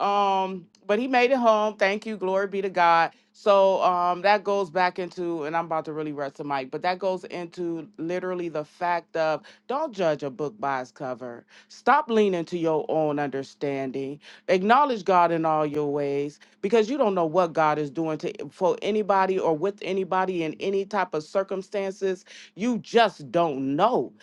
B: Um, but he made it home. Thank you. Glory be to God. So um, that goes back into, and I'm about to really rest the mic, but that goes into literally the fact of don't judge a book by its cover. Stop leaning to your own understanding. Acknowledge God in all your ways because you don't know what God is doing to for anybody or with anybody in any type of circumstances. You just don't know.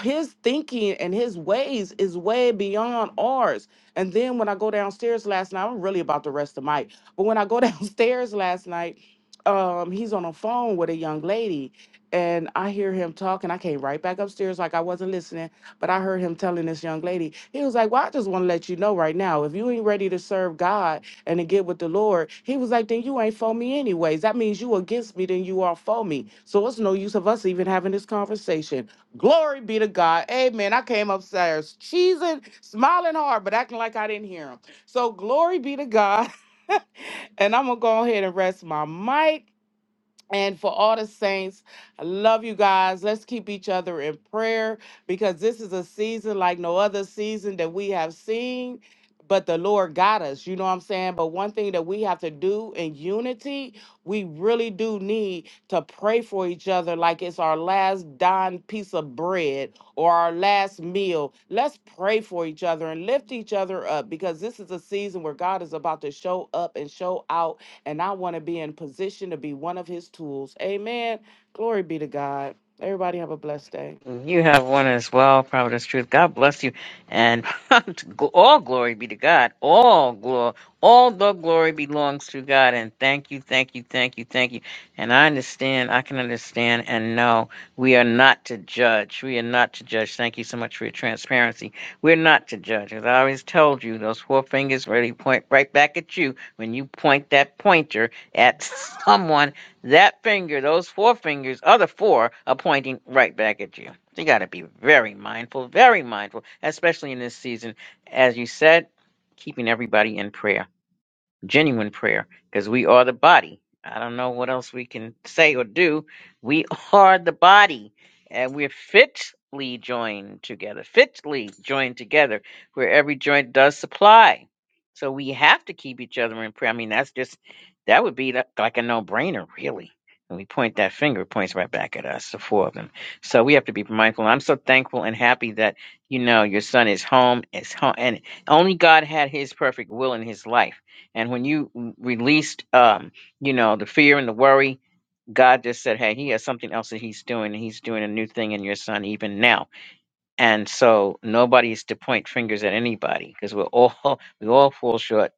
B: His thinking and his ways is way beyond ours. And then when I go downstairs last night, I'm really about to rest the mic. But when I go downstairs last night, um, he's on a phone with a young lady, and I hear him talking. I came right back upstairs like I wasn't listening, but I heard him telling this young lady, he was like, Well, I just want to let you know right now, if you ain't ready to serve God and to get with the Lord, he was like, Then you ain't for me anyways. That means you against me, then you are for me. So it's no use of us even having this conversation Glory be to God. Amen. I came upstairs cheesing, smiling hard, but acting like I didn't hear him. So glory be to God. and I'm gonna go ahead and rest my mic. And for all the saints, I love you guys. Let's keep each other in prayer because this is a season like no other season that we have seen. But the Lord got us, you know what I'm saying? But one thing that we have to do in unity, we really do need to pray for each other like it's our last dime piece of bread or our last meal. Let's pray for each other and lift each other up because this is a season where God is about to show up and show out and I want to be in position to be one of his tools. Amen. Glory be to God. Everybody have a blessed day.
A: You have one as well, Providence Truth. God bless you, and all glory be to God. All glory, all the glory belongs to God. And thank you, thank you, thank you, thank you. And I understand, I can understand, and no, we are not to judge. We are not to judge. Thank you so much for your transparency. We're not to judge, as I always told you. Those four fingers really point right back at you when you point that pointer at someone. That finger, those four fingers, other four, are pointing right back at you. You got to be very mindful, very mindful, especially in this season. As you said, keeping everybody in prayer genuine prayer because we are the body. I don't know what else we can say or do. We are the body and we're fitly joined together, fitly joined together where every joint does supply. So we have to keep each other in prayer. I mean, that's just, that would be the- like a no brainer, really. And we point that finger, it points right back at us, the four of them. So we have to be mindful. I'm so thankful and happy that, you know, your son is home, is home, and only God had his perfect will in his life and when you released, um, you know, the fear and the worry, God just said, hey, he has something else that he's doing, and he's doing a new thing in your son even now. And so nobody's to point fingers at anybody because we're all, we all fall short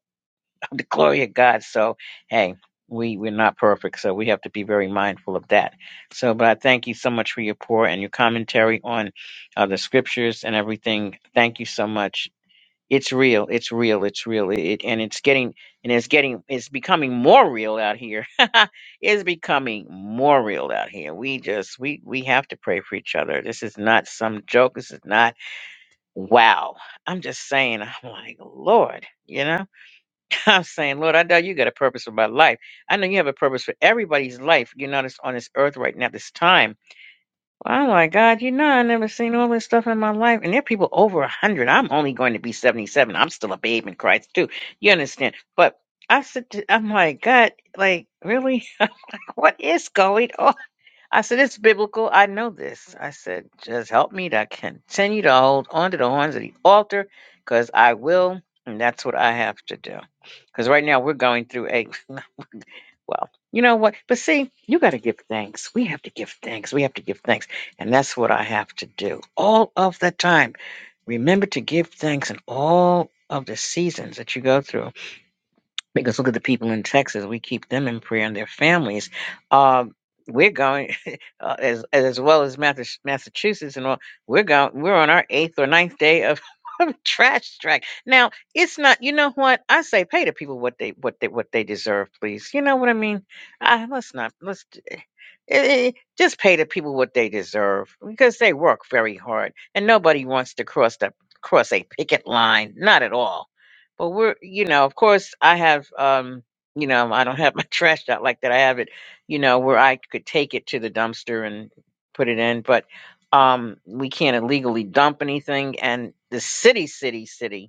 A: of the glory of God. So, hey, we, we're not perfect. So we have to be very mindful of that. So, but I thank you so much for your pour and your commentary on uh, the scriptures and everything. Thank you so much it's real. It's real. It's real. It, it- and it's getting and it's getting it's becoming more real out here. it's becoming more real out here. We just we we have to pray for each other. This is not some joke. This is not wow. I'm just saying. I'm like Lord. You know, I'm saying, Lord, I know you got a purpose for my life. I know you have a purpose for everybody's life. You know, this on this earth right now, this time. I was like, God, you know, I never seen all this stuff in my life. And there are people over a 100. I'm only going to be 77. I'm still a babe in Christ, too. You understand? But I said, to- I'm like, God, like, really? What is going on? I said, it's biblical. I know this. I said, just help me to continue to hold on to the horns of the altar because I will. And that's what I have to do. Because right now we're going through a. Well, you know what? But see, you got to give thanks. We have to give thanks. We have to give thanks. And that's what I have to do all of the time. Remember to give thanks in all of the seasons that you go through. Because look at the people in Texas. We keep them in prayer and their families. Um, we're going uh, as as well as Mathis- Massachusetts and all. We're going. We're on our eighth or ninth day of, of trash strike. Now it's not. You know what I say? Pay the people what they what they what they deserve, please. You know what I mean? I, let's not. Let's d- eh, eh, eh, just pay the people what they deserve because they work very hard, and nobody wants to cross the cross a picket line. Not at all but we're, you know, of course, I have, um, you know, I don't have my trash out like that. I have it, you know, where I could take it to the dumpster and put it in, but um, we can't illegally dump anything. And the city, city, city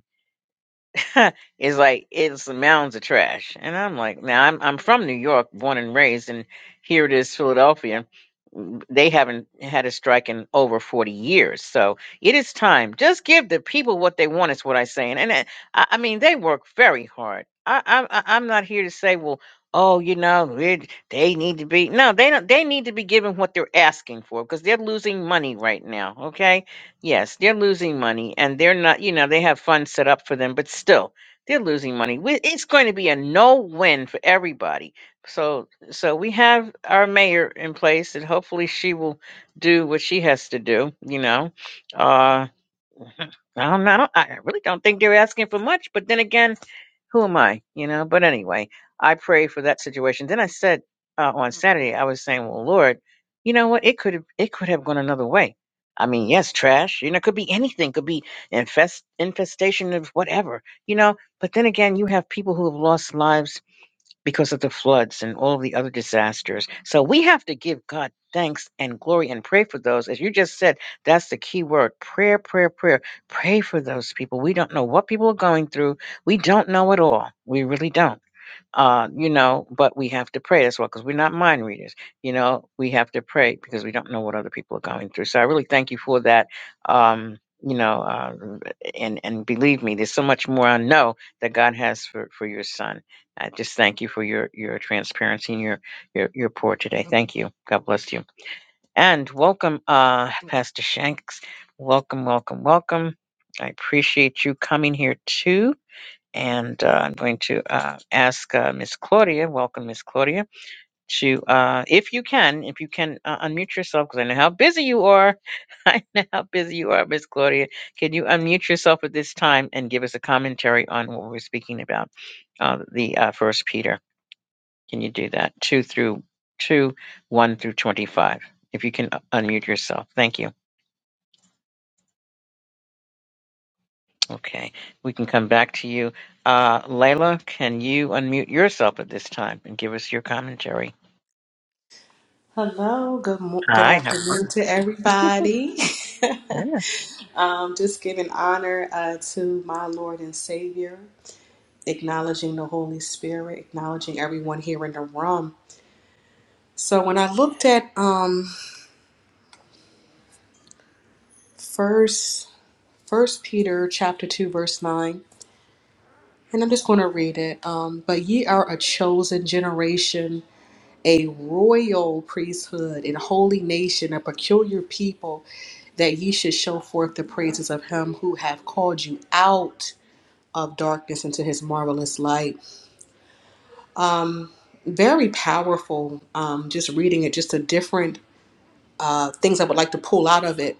A: is like it's mounds of trash. And I'm like, now I'm I'm from New York, born and raised, and here it is, Philadelphia. Mm, They haven't had a strike in over 40 years. So it is time. Just give the people what they want, is what I say. And, and I, I I mean, they work very hard. I, I, I- I'm not here to say, well, oh, you know, it, they need to be. No, they don't. They need to be given what they're asking for because they're losing money right now. Okay Yes, they're losing money and they're not, you know, they have funds set up for them, but still, they're losing money. We- It's going to be a no-win for everybody. So, so we have our mayor in place and hopefully she will do what she has to do, you know. Uh I don't know. I, don't, I really don't think they're asking for much. But then again, who am I? You know. But anyway, I pray for that situation. Then I said uh, on Saturday, I was saying, "Well, Lord, you know what? It could have it could have gone another way. I mean, yes, trash. You know, it could be anything. Could be infest infestation of whatever. You know. But then again, you have people who have lost lives because of the floods and all the other disasters. So we have to give God thanks and glory and pray for those. As you just said, that's the key word prayer, prayer, prayer. Pray for those people. We don't know what people are going through. We don't know at all. We really don't uh, you know, but we have to pray as well because we're not mind readers. You know, we have to pray because we don't know what other people are going through. So I really thank you for that. Um, you know, uh, and and believe me, there's so much more I know that God has for for your son. I just thank you for your your transparency and your your your pour today. Thank you. God bless you. And welcome, uh, Pastor Shanks. Welcome, welcome, welcome. I appreciate you coming here too and uh, I'm going to uh, ask uh, Miss Claudia, welcome Miss Claudia, to, uh, if you can, if you can uh, unmute yourself, because I know how busy you are. I know how busy you are, Miss Claudia. Can you unmute yourself at this time and give us a commentary on what we're speaking about, uh, the uh, First Peter? Can you do that? Two through two, one through twenty-five. If you can uh, unmute yourself, thank you. Okay, we can come back to you. Uh, Layla, can you unmute yourself at this time and give us your commentary?
C: Hello, good mo- good
A: Hi, how are
C: afternoon
A: you?
C: to everybody.
A: Yeah.
C: um, just giving honor uh, to my Lord and Savior, acknowledging the Holy Spirit, acknowledging everyone here in the room. So when I looked at um, first First Peter chapter two verse nine, and I'm just going to read it. Um, but ye are a chosen generation a royal priesthood and holy nation, a peculiar people, that ye should show forth the praises of him who have called you out of darkness into his marvelous light. Very powerful. Um, just reading it, just the different uh, things I would like to pull out of it.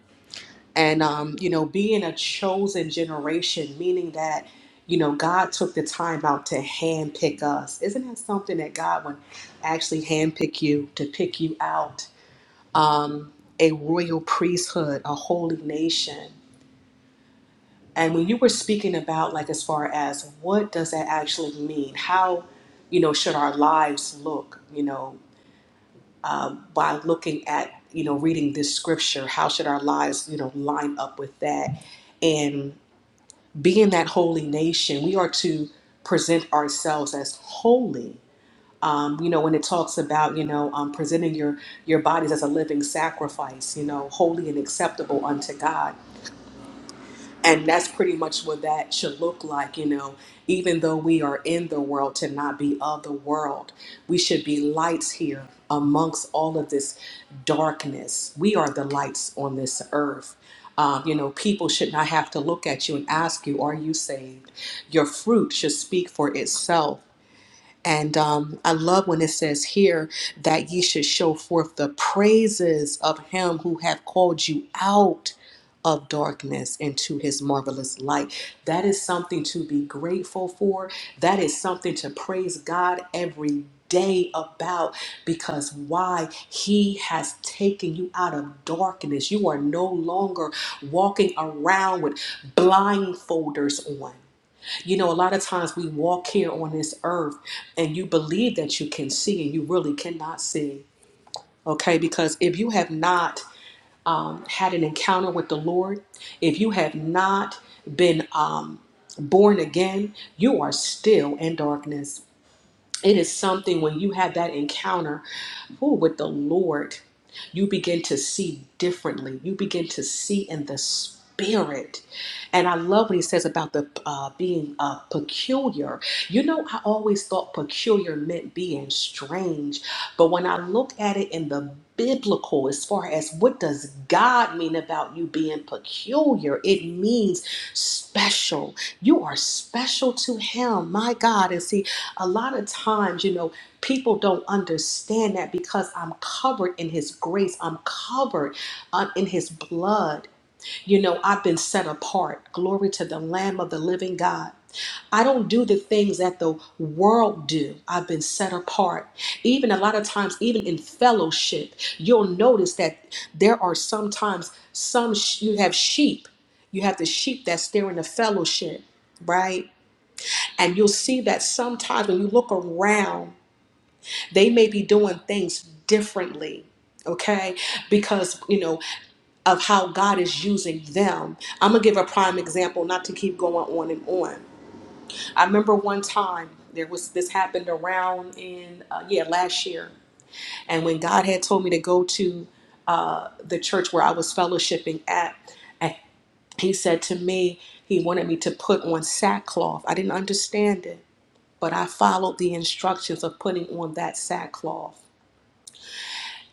C: And, um, you know, being a chosen generation, meaning that, you know, God took the time out to handpick us. Isn't that something that God would actually handpick you, to pick you out? um, a royal priesthood, a holy nation. And when you were speaking about, like, as far as what does that actually mean? How, you know, should our lives look? You know, um, by looking at, you know, reading this scripture, how should our lives, you know, line up with that? And being that holy nation, we are to present ourselves as holy um, you know when it talks about you know um, presenting your your bodies as a living sacrifice you know holy and acceptable unto god and that's pretty much what that should look like you know even though we are in the world to not be of the world we should be lights here amongst all of this darkness we are the lights on this earth um, you know people should not have to look at you and ask you are you saved your fruit should speak for itself and um, I love when it says here that ye should show forth the praises of him who hath called you out of darkness into his marvelous light. That is something to be grateful for. That is something to praise God every day about because why he has taken you out of darkness. You are no longer walking around with blindfolders on. You know, a lot of times we walk here on this earth and you believe that you can see and you really cannot see. Okay, because if you have not had an encounter with the Lord, if you have not been um, born again, you are still in darkness it is something when you have that encounter ooh, with the Lord, you begin to see differently. You begin to see in the spirit. And I love what he says about the uh, being uh, peculiar. You know, I always thought peculiar meant being strange, but when I look at it in the biblical as far as what does God mean about you being peculiar it means special you are special to him my God and see a lot of times, you know, people don't understand that because I'm covered in His grace, I'm covered uh, in His blood. You know, I've been set apart. Glory to the Lamb of the living God. I don't do the things that the world do. I've been set apart. Even a lot of times, even in fellowship, you'll notice that there are sometimes some sh- you have sheep. You have the sheep that's there in the fellowship, right? And you'll see that sometimes when you look around, they may be doing things differently, okay? Because, you know, of how God is using them. I'm gonna give a prime example, not to keep going on and on. I remember one time there was this happened around in, uh, yeah, last year. And when God had told me to go to uh, the church where I was fellowshipping at, and He said to me, He wanted me to put on sackcloth. I didn't understand it but I followed the instructions of putting on that sackcloth.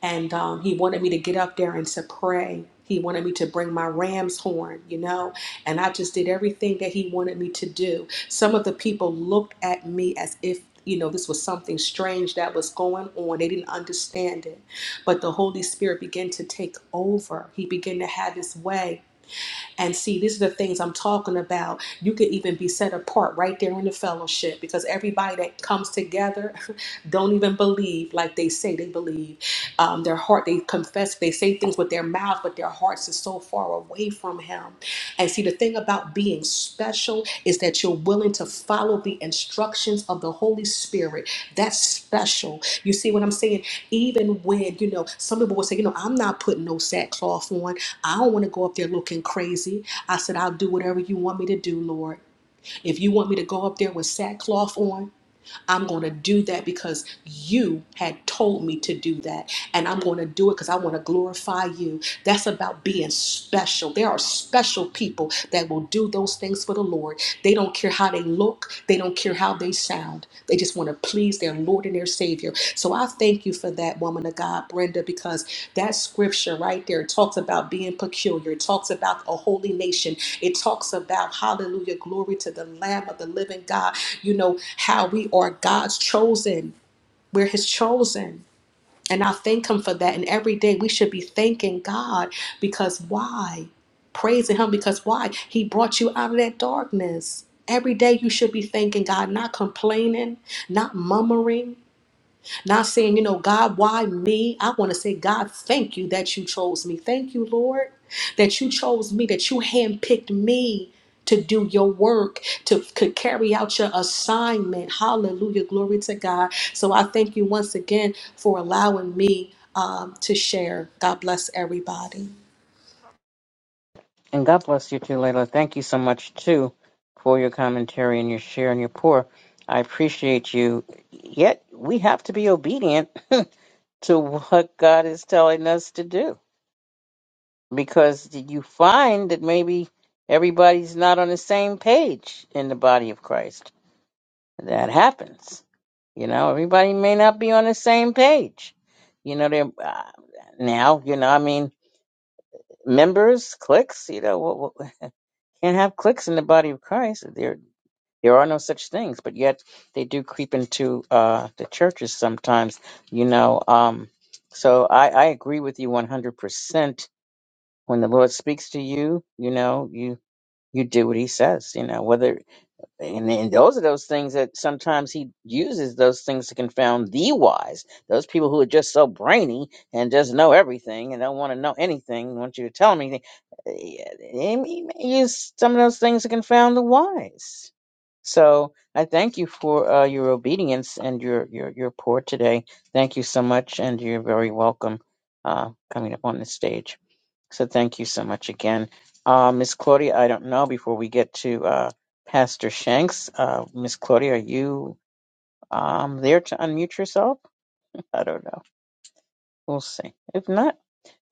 C: And um, he wanted me to get up there and to pray. He wanted me to bring my ram's horn, you know, and I just did everything that he wanted me to do. Some of the people looked at me as if, you know, this was something strange that was going on. They didn't understand it. But the Holy Spirit began to take over, He began to have His way and see, these are the things I'm talking about. You could even be set apart right there in the fellowship because everybody that comes together don't even believe like they say they believe. Um, their heart, they confess, they say things with their mouth, but their hearts are so far away from Him. And see, the thing about being special is that you're willing to follow the instructions of the Holy Spirit. That's special. You see what I'm saying? Even when, you know, some people will say, you know, I'm not putting no sackcloth on. I don't want to go up there looking crazy. I said, I'll do whatever you want me to do, Lord. If you want me to go up there with sackcloth on, I'm going to do that because you had told me to do that. And I'm going to do it because I want to glorify you. That's about being special. There are special people that will do those things for the Lord. They don't care how they look, they don't care how they sound. They just want to please. He's their Lord and their Savior. So I thank you for that woman of God, Brenda, because that scripture right there talks about being peculiar. It talks about a holy nation. It talks about, hallelujah, glory to the Lamb of the living God. You know, how we are God's chosen, we're His chosen. And I thank Him for that. And every day we should be thanking God because why? Praising Him because why? He brought you out of that darkness. Every day you should be thanking God, not complaining, not murmuring, not saying, you know, God, why me? I want to say, God, thank you that you chose me. Thank you, Lord, that you chose me, that you handpicked me to do your work, to, to carry out your assignment. Hallelujah. Glory to God. So I thank you once again for allowing me um, to share. God bless everybody.
A: And God bless you too, Layla. Thank you so much too for your commentary and your share and your pour. I appreciate you. Yet we have to be obedient to what God is telling us to do. Because did you find that maybe everybody's not on the same page in the body of Christ? That happens. You know, everybody may not be on the same page. You know, they're uh, now, you know, I mean, members, cliques, you know, can't have cliques in the body of Christ. There, there are no such things, but yet they do creep into uh, the churches sometimes. You know, um, so I, I agree with you one hundred percent. When the Lord speaks to you, you know, you you do what He says. You know, whether and, and those are those things that sometimes he uses those things to confound the wise those people who are just so brainy and just know everything and don't want to know anything want you to tell them anything Uh, he he may use some of those things to confound the wise so i thank you for uh, your obedience and your your your pour today thank you so much and you're very welcome uh, coming up on the stage so thank you so much again. Uh, Miss Claudia, I don't know before we get to uh, Pastor Shanks. Uh, Miss Claudia, are you um, there to unmute yourself? I don't know. We'll see. If not,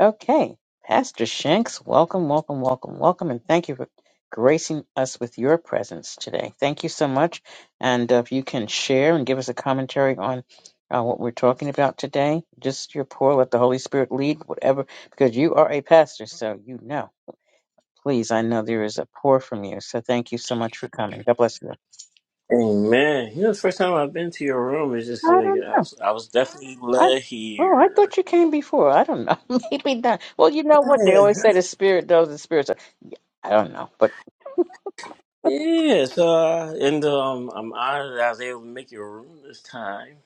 A: okay. Pastor Shanks, welcome, welcome, welcome, welcome, and thank you for gracing us with your presence today. Thank you so much. And uh, if you can share and give us a commentary on uh, what we're talking about today, just your pour, let the Holy Spirit lead, whatever, because you are a pastor, so you know. Please, I know there is a pour from you, so thank you so
D: Thank you.
A: much for coming. God bless you.
D: Amen. You know, the first time I've been to your room is just
A: I
D: uh, yeah,
A: don't
D: I
A: know.
D: was I was definitely
A: I
D: led
A: oh, I
D: here.
A: thought you came before. I don't know. Maybe not. Well, you know what they always say: the spirit knows the spirits. I don't know, but
D: Yeah. So uh, and um, I'm honored that I was able to make your room this time.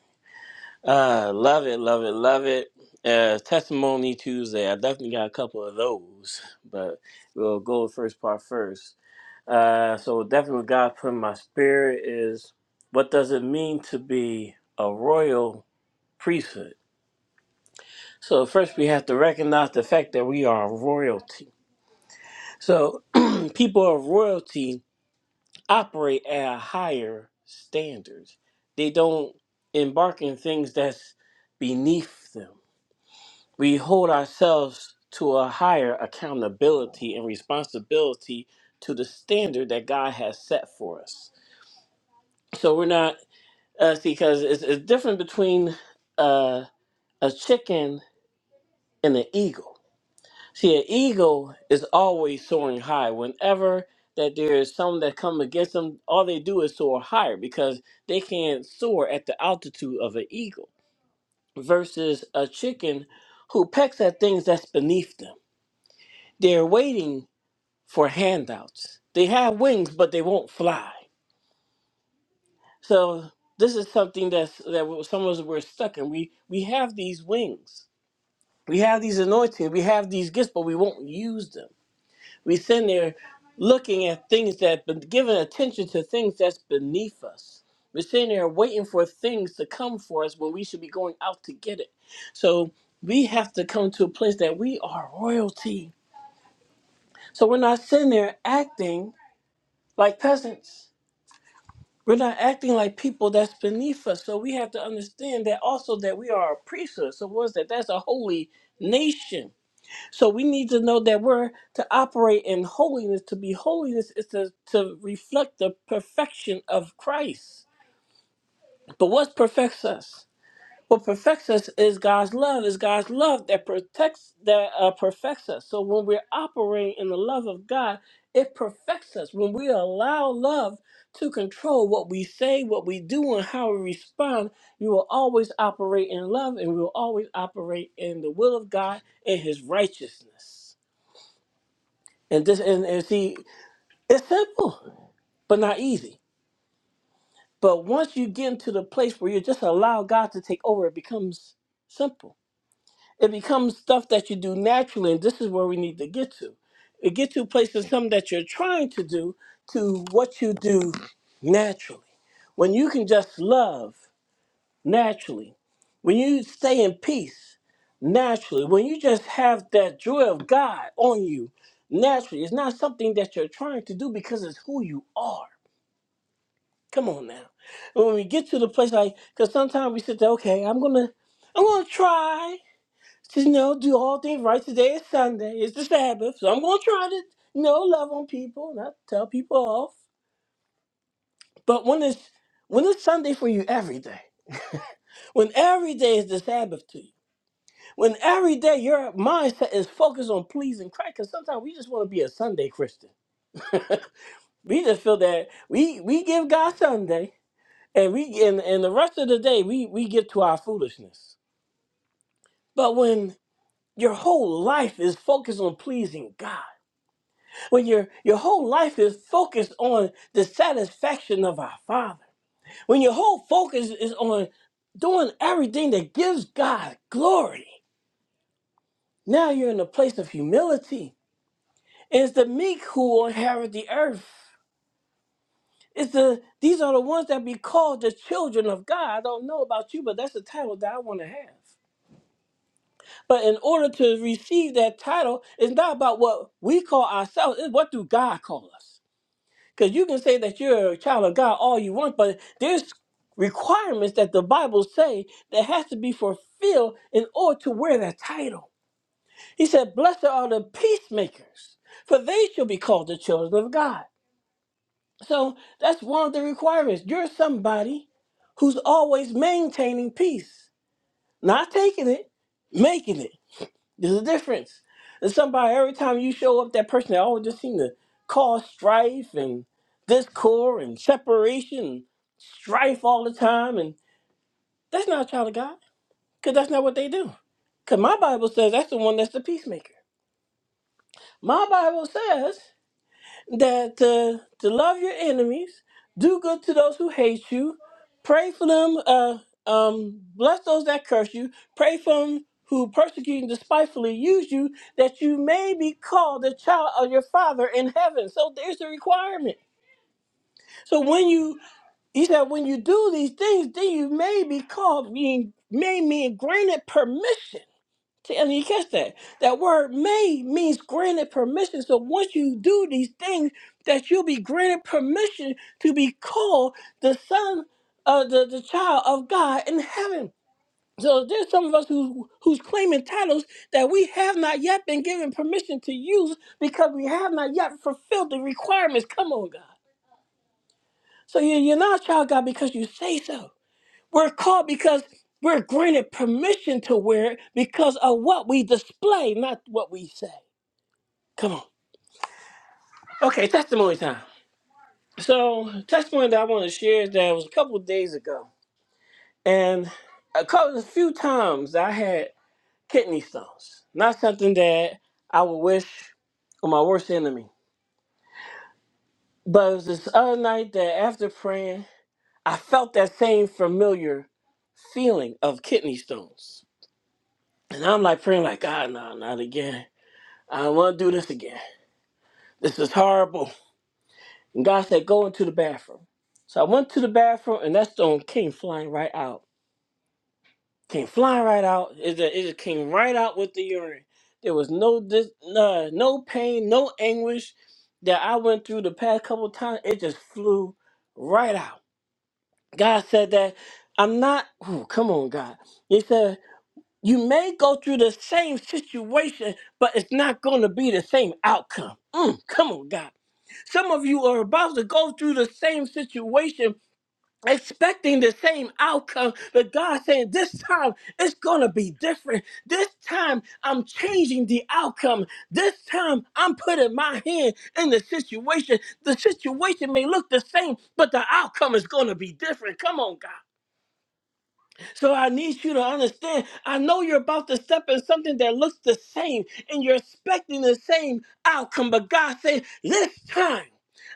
D: Uh, love it, love it, love it. Uh, Testimony Tuesday. I definitely got a couple of those, but we'll go with first part first. Uh, so definitely what God put in my spirit is what does it mean to be a royal priesthood? So first we have to recognize the fact that we are royalty. So people of royalty operate at a higher standard. They don't embark in things that's beneath them. We hold ourselves to a higher accountability and responsibility to the standard that God has set for us. So we're not uh, see because it's, it's different between uh, a chicken and an eagle See, an eagle is always soaring high. Whenever that there is some that come against them, all they do is soar higher because they can't soar at the altitude of an eagle versus a chicken who pecks at things that's beneath them. They're waiting for handouts. They have wings, but they won't fly. So this is something that's that we- some of us we're stuck in. We we have these wings, we have these anointings, we have these gifts, but we won't use them We sitting there looking at things that been giving attention to things that's beneath us. We're sitting there waiting for things to come for us when we should be going out to get it. So we have to come to a place that we are royalty. So we're not sitting there acting like peasants. We're not acting like people that's beneath us. So we have to understand that also that we are a priesthood. So what is that? That's a holy nation So we need to know that we're to operate in holiness. To be holiness is to, to reflect the perfection of Christ. But what perfects us? What perfects us is God's love. Is God's love that protects, that uh, perfects us. So when we're operating in the love of God, it perfects us. When we allow love to control what we say, what we do, and how we respond, we will always operate in love, and we will always operate in the will of God and His righteousness. And this and, and see, it's simple, but not easy. But once you get into the place where you just allow God to take over, it becomes simple. It becomes stuff that you do naturally, and this is where we need to get to. It get to a place of something that you're trying to do to what you do naturally. When you can just love naturally. When you stay in peace, naturally. When you just have that joy of God on you, naturally. It's not something that you're trying to do because it's who you are. Come on now. When we get to the place like, because sometimes we sit there, okay, I'm gonna, I'm gonna try to you know do all things right. Today is Sunday. It's the Sabbath, so I'm gonna try to you know love on people, not tell people off. But when it's when it's Sunday for you every day, when every day is the Sabbath to you. When every day your mindset is focused on pleasing Christ, because sometimes we just want to be a Sunday Christian. we just feel that we we give God Sunday, and we and, and the rest of the day we we give to our foolishness. But when your whole life is focused on pleasing God, when your your whole life is focused on the satisfaction of our Father, when your whole focus is on doing everything that gives God glory, now you're in a place of humility It's the meek who will inherit the earth. It's the these are the ones that be called the children of God. I don't know about you, but that's the title that I want to have. But in order to receive that title, it's not about what we call ourselves, it's what do God call us. Because you can say that you're a child of God all you want, but there's requirements that the Bible say that has to be fulfilled in order to wear that title. He said, Blessed are the peacemakers, for they shall be called the children of God. So that's one of the requirements. You're somebody who's always maintaining peace, not taking it, making it. There's a difference. There's somebody every time you show up, that person that always just seem to cause strife and discord and separation, strife all the time, and that's not a child of God, because that's not what they do. Because my Bible says that's the one that's the peacemaker. My Bible says that uh, to love your enemies, do good to those who hate you, pray for them, uh, um, bless those that curse you, pray for them who persecute and despitefully use you, that you may be called the child of your Father in heaven. So there's the requirement. So when you, he said, when you do these things, then you may be called, being may mean granted permission See, and you catch that. That word "may" means granted permission. So once you do these things, that you'll be granted permission to be called the son uh, the, the child of God in heaven. So there's some of us who who's claiming titles that we have not yet been given permission to use because we have not yet fulfilled the requirements. Come on, God. So you- you're not a child of God because you say so. We're called because we're granted permission to wear it because of what we display, not what we say. Come on. Okay, testimony time. So, testimony that I want to share is that it was a couple of days ago, and a couple, a few times I had kidney stones. Not something that I would wish on my worst enemy. But it was this other night that after praying, I felt that same familiar feeling of kidney stones. And I'm like praying, like, God, no, not again. I don't want to do this again. This is horrible. And God said, Go into the bathroom. So I went to the bathroom, and that stone came flying right out. Came flying right out. It just, it just came right out with the urine. There was no dis, no, no pain, no anguish that I went through the past couple of times. It just flew right out. God said that I'm not. Ooh, come on, God. He said You may go through the same situation, but it's not going to be the same outcome. Mm, come on, God. Some of you are about to go through the same situation, expecting the same outcome, but God saying, This time it's going to be different. This time I'm changing the outcome. This time I'm putting my hand in the situation. The situation may look the same, but the outcome is going to be different. Come on, God. So I need you to understand. I know you're about to step in something that looks the same and you're expecting the same outcome, but God said, This time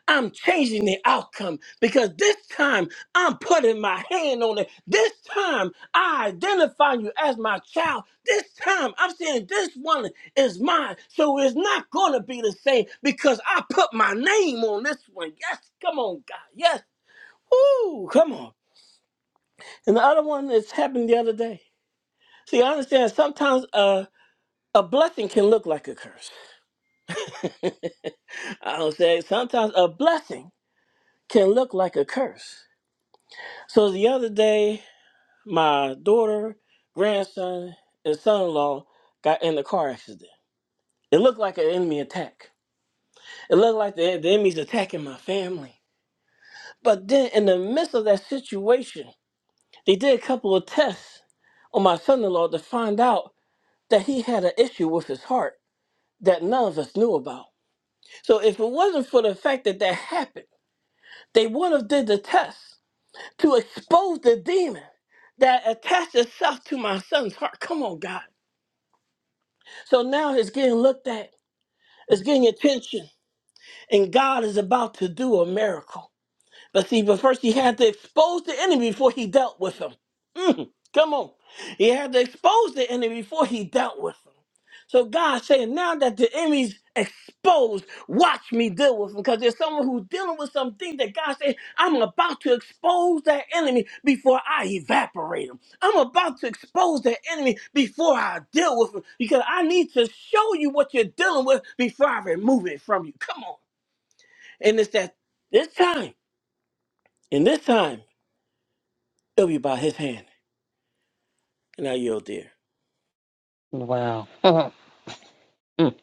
D: I'm changing the outcome because this time I'm putting my hand on it. This time I identify you as my child. This time I'm saying this one is mine. So it's not going to be the same because I put my name on this one. Yes, come on, God. Yes. Ooh, come on. And the other one that's happened the other day. See, I understand sometimes a a blessing can look like a curse. I don't say sometimes a blessing can look like a curse. So the other day, my daughter, grandson, and son in law got in a car accident. It looked like an enemy attack. It looked like the, the enemy's attacking my family. But then, in the midst of that situation, they did a couple of tests on my son in law to find out that he had an issue with his heart that none of us knew about. So if it wasn't for the fact that that happened, they would have did the test to expose the demon that attached itself to my son's heart. Come on, God. So now it's getting looked at. It's getting attention, and God is about to do a miracle. But see, but first he had to expose the enemy before he dealt with him. Mm, come on. He had to expose the enemy before he dealt with him. So God saying, now that the enemy's exposed, watch me deal with him. Because there's someone who's dealing with something that God said, I'm about to expose that enemy before I evaporate him. I'm about to expose that enemy before I deal with him. Because I need to show you what you're dealing with before I remove it from you. Come on. And it's that this time, in this time. It'll be by his hand. And I yield there.
A: wow, Mm.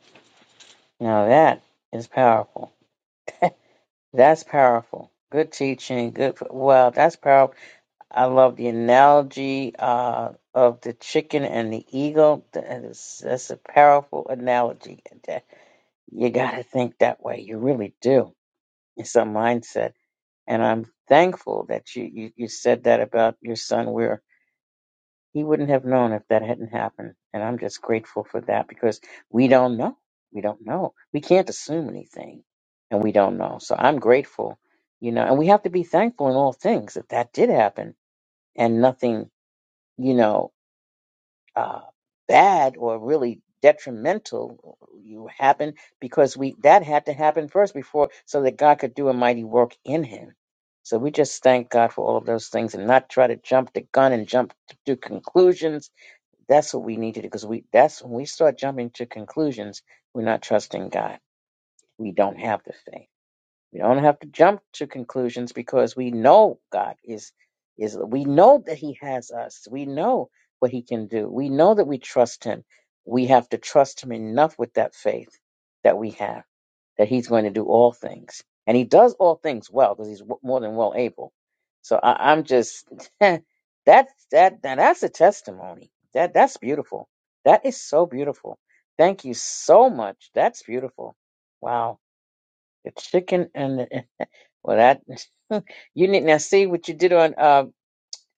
A: now that is powerful. That's powerful. Good teaching. Good. Wow, that's powerful. I love the analogy uh, of the chicken and the eagle. That is, that's a powerful analogy. That- You got to think that way. You really do. It's a mindset. And I'm thankful that you, you, you said that about your son, where he wouldn't have known if that hadn't happened. And I'm just grateful for that because we don't know. We don't know. We can't assume anything, and we don't know. So I'm grateful, you know, and we have to be thankful in all things that that did happen and nothing you know uh, bad or really detrimental you happen because we that had to happen first before so that God could do a mighty work in him. So we just thank God for all of those things and not try to jump the gun and jump to conclusions. That's what we need to do because we that's when we start jumping to conclusions, we're not trusting God. We don't have the faith. We don't have to jump to conclusions because we know God is is we know that he has us. We know what he can do. We know that we trust him. We have to trust him enough with that faith that we have that he's going to do all things. And he does all things well because he's w- more than well able. So I, I'm just that that now that's a testimony. That that's beautiful. That is so beautiful. Thank you so much. That's beautiful. Wow. The chicken and the Well, that you need now see what you did on. Uh,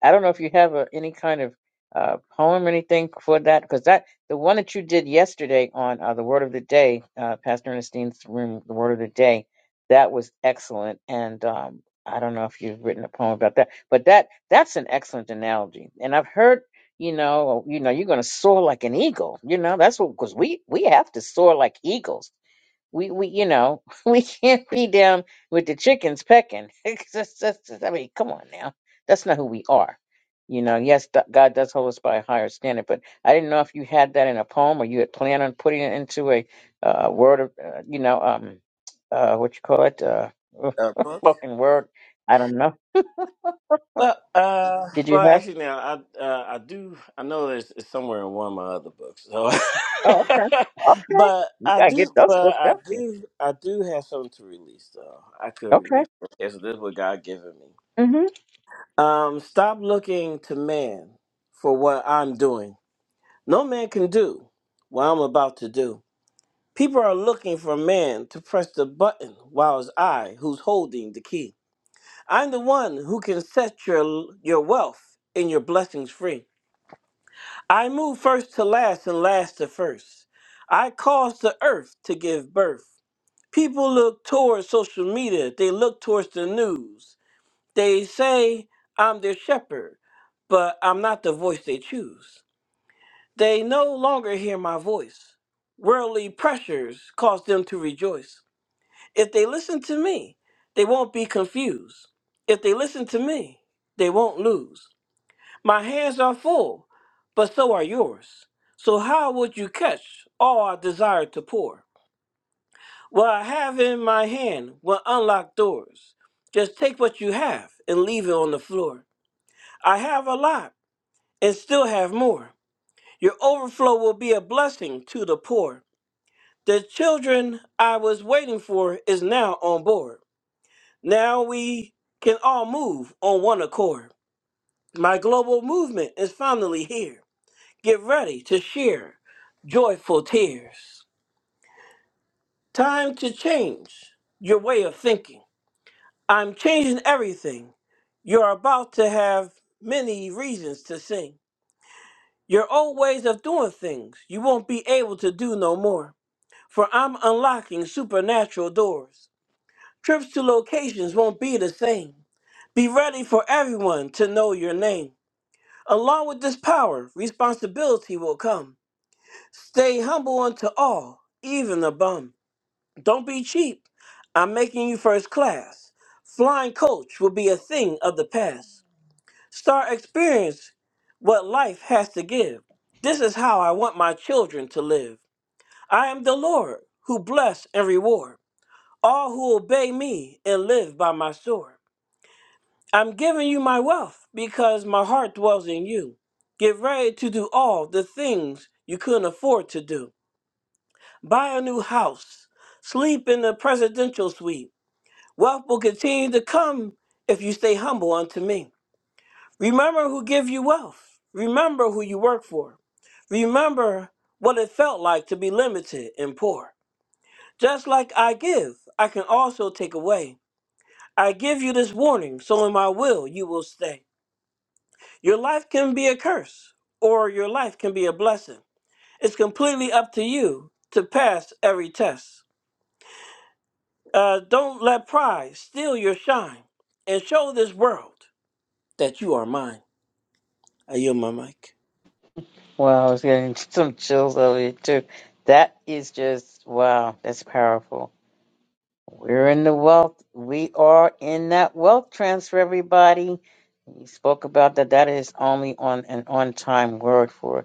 A: I don't know if you have a, any kind of uh, poem or anything for that, because that the one that you did yesterday on uh, the Word of the Day, uh, Pastor Ernestine's room, the Word of the Day, that was excellent. And um, I don't know if you've written a poem about that, but that that's an excellent analogy. And I've heard, you know, you know, you're going to soar like an eagle. You know, that's what because we we have to soar like eagles we we you know we can't be down with the chickens pecking. It's just- that's just- I mean, come on now, that's not who we are. You know, yes, th- God does hold us by a higher standard, but I didn't know if you had that in a poem or you had planned on putting it into a uh, word of uh, you know um uh what you call it uh
D: Uh, Brooke?
A: spoken word. I don't know.
D: Well, uh,
A: Did you
D: well,
A: have?
D: actually, now I uh, I do I know it's, it's somewhere in one of my other books, so
A: Oh, okay, okay.
D: but
A: You
D: I
A: gotta get
D: do,
A: those
D: but
A: books
D: I
A: out there.
D: do, I do have something to release though. I could release.
A: Okay.
D: it. Yes, this is what God given me.
A: Mm-hmm.
D: Um, stop looking to man for what I'm doing. No man can do what I'm about to do. People are looking for man to press the button, while it's I who's holding the key. I'm the one who can set your your wealth and your blessings free. I move first to last and last to first. I cause the earth to give birth. People look towards social media, they look towards the news. They say I'm their shepherd, but I'm not the voice they choose. They no longer hear my voice. Worldly pressures cause them to rejoice. If they listen to me, they won't be confused. If they listen to me, they won't lose. My hands are full, but so are yours. So how would you catch all I desire to pour? What I have in my hand will unlock doors. Just take what you have and leave it on the floor. I have a lot and still have more. Your overflow will be a blessing to the poor. The children I was waiting for is now on board. Now we can all move on one accord. My global movement is finally here. Get ready to share joyful tears. Time to change your way of thinking. I'm changing everything. You're about to have many reasons to sing. Your old ways of doing things you won't be able to do no more. For I'm unlocking supernatural doors. Trips to locations won't be the same. Be ready for everyone to know your name. Along with this power, responsibility will come. Stay humble unto all, even the bum. Don't be cheap. I'm making you first class. Flying coach will be a thing of the past. Start experience what life has to give. This is how I want my children to live. I am the Lord who bless and reward all who obey me and live by my sword. I'm giving you my wealth because my heart dwells in you. Get ready to do all the things you couldn't afford to do. Buy a new house. Sleep in the presidential suite. Wealth will continue to come if you stay humble unto me. Remember who give you wealth. Remember who you work for. Remember what it felt like to be limited and poor. Just like I give, I can also take away. I give you this warning, so in my will you will stay. Your life can be a curse or your life can be a blessing. It's completely up to you to pass every test. Uh, don't let pride steal your shine and show this world that you are mine. I yield my mic.
A: Well, I was getting some chills over it too. That is just wow. That's powerful. We're in the wealth. We are in that wealth transfer, everybody. You spoke about that. That is only on an on-time word for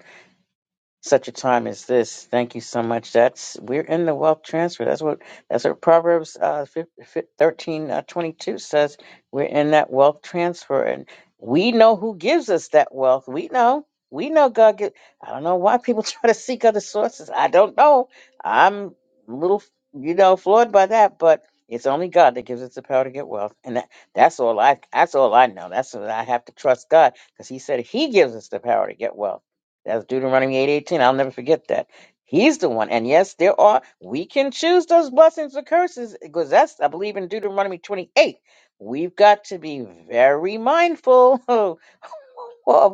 A: such a time as this. Thank you so much. That's we're in the wealth transfer. That's what that's what Proverbs uh, fif- fif- thirteen uh, twenty two says. We're in that wealth transfer, and we know who gives us that wealth. We know. We know God give. I don't know why people try to seek other sources. I don't know. I'm a little, you know, flawed by that, but it's only God that gives us the power to get wealth, and that, that's all I. That's all I know. That's what I have to trust God because He said He gives us the power to get wealth. That's Deuteronomy eight eighteen. I'll never forget that. He's the one. And yes, there are we can choose those blessings or curses because that's I believe in Deuteronomy twenty eight. We've got to be very mindful of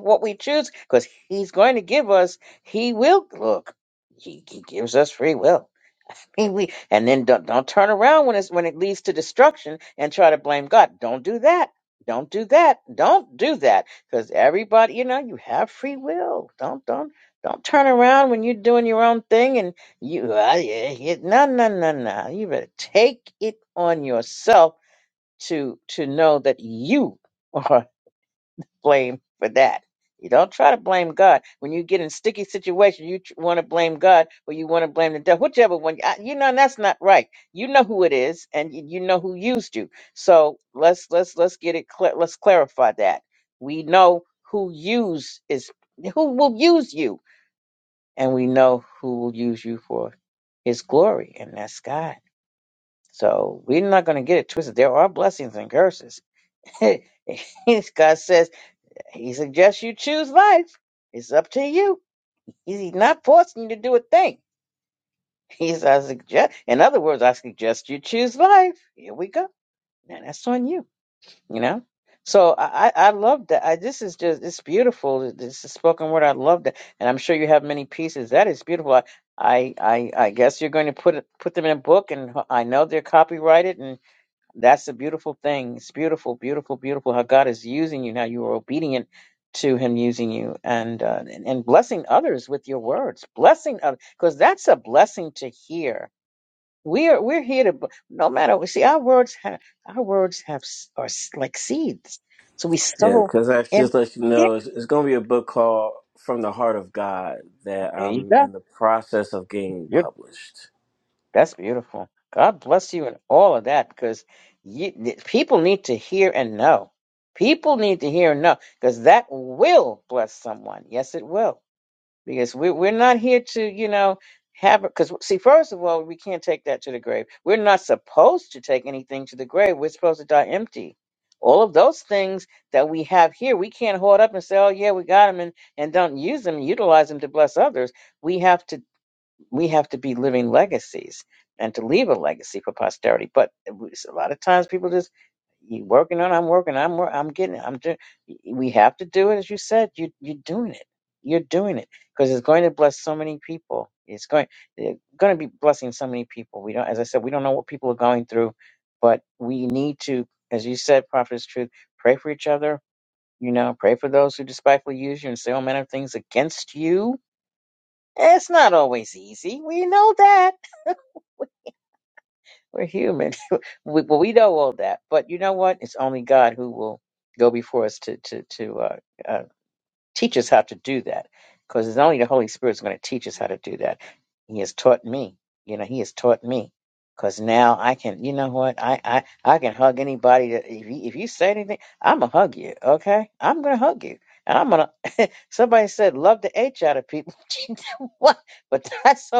A: what we choose because he's going to give us. He will look. He, he gives us free will. And we and then don't, don't turn around when it's when it leads to destruction and try to blame God. Don't do that. Don't do that. Don't do that. Because everybody, you know, you have free will. Don't don't don't turn around when you're doing your own thing and you uh, yeah, yeah, no no no no. You better take it on yourself to to know that you. blame for that. You don't try to blame God when you get in sticky situation. You want to blame God or you want to blame the devil, whichever one. I, you know and that's not right. You know who it is, and you, you know who used you. So let's let's let's get it. Cl- let's clarify that we know who use is who will use you, and we know who will use you for His glory, and that's God. So we're not going to get it twisted. There are blessings and curses. God says. He suggests you choose life. It's up to you. He's not forcing you to do a thing. He's I suggest. In other words, I suggest you choose life. Here we go. Now that's on you. You know. So I I I love that. I, this is just it's beautiful. This is spoken word. I love that, and I'm sure you have many pieces. That is beautiful. I I I, I guess you're going to put it, put them in a book, and I know they're copyrighted, that's a beautiful thing. It's beautiful, beautiful, beautiful how God is using you, how you are obedient to Him using you and uh, and, and blessing others with your words, blessing others, because that's a blessing to hear. We are we're here to b- no matter see our words have our words have s- are s- like seeds, so we
D: Yeah,
A: sow
D: because I
A: and
D: just let you
A: Yeah,
D: know, it's, it's going to be a book called From the Heart of God that
A: there you
D: I'm in
A: go.
D: the process of getting published.
A: That's beautiful. God bless you and all of that because you, th- people need to hear and know. People need to hear and know because that will bless someone. Yes, it will. Because we, we're not here to, you know, have because see, first of all, we can't take that to the grave. We're not supposed to take anything to the grave. We're supposed to die empty. All of those things that we have here, we can't hoard up and say, "Oh yeah, we got them," and and don't use them, utilize them to bless others. We have to we have to be living legacies and to leave a legacy for posterity. But it was- a lot of times people just you working on, I'm working, I'm wor- I'm getting, it, I'm doing. We have to do it, as you said. You you're doing it. You're doing it because it's going to bless so many people. It's going it's going to be blessing so many people. We don't, as I said, we don't know what people are going through, but we need to, as you said, prophet is truth. Pray for each other. You know, pray for those who despitefully use you and say all manner of things against you it's not always easy. We know that. We're human. We, well, we know all that. But you know what? It's only God who will go before us to to to uh, uh, teach us how to do that. Because it's only the Holy Spirit is going to teach us how to do that. He has taught me. You know, He has taught me. Because now I can. You know what? I I I can hug anybody. That, if you, if you say anything, I'm gonna hug you. Okay, I'm gonna hug you. And I'm gonna. Somebody said love the H out of people. what? But that's okay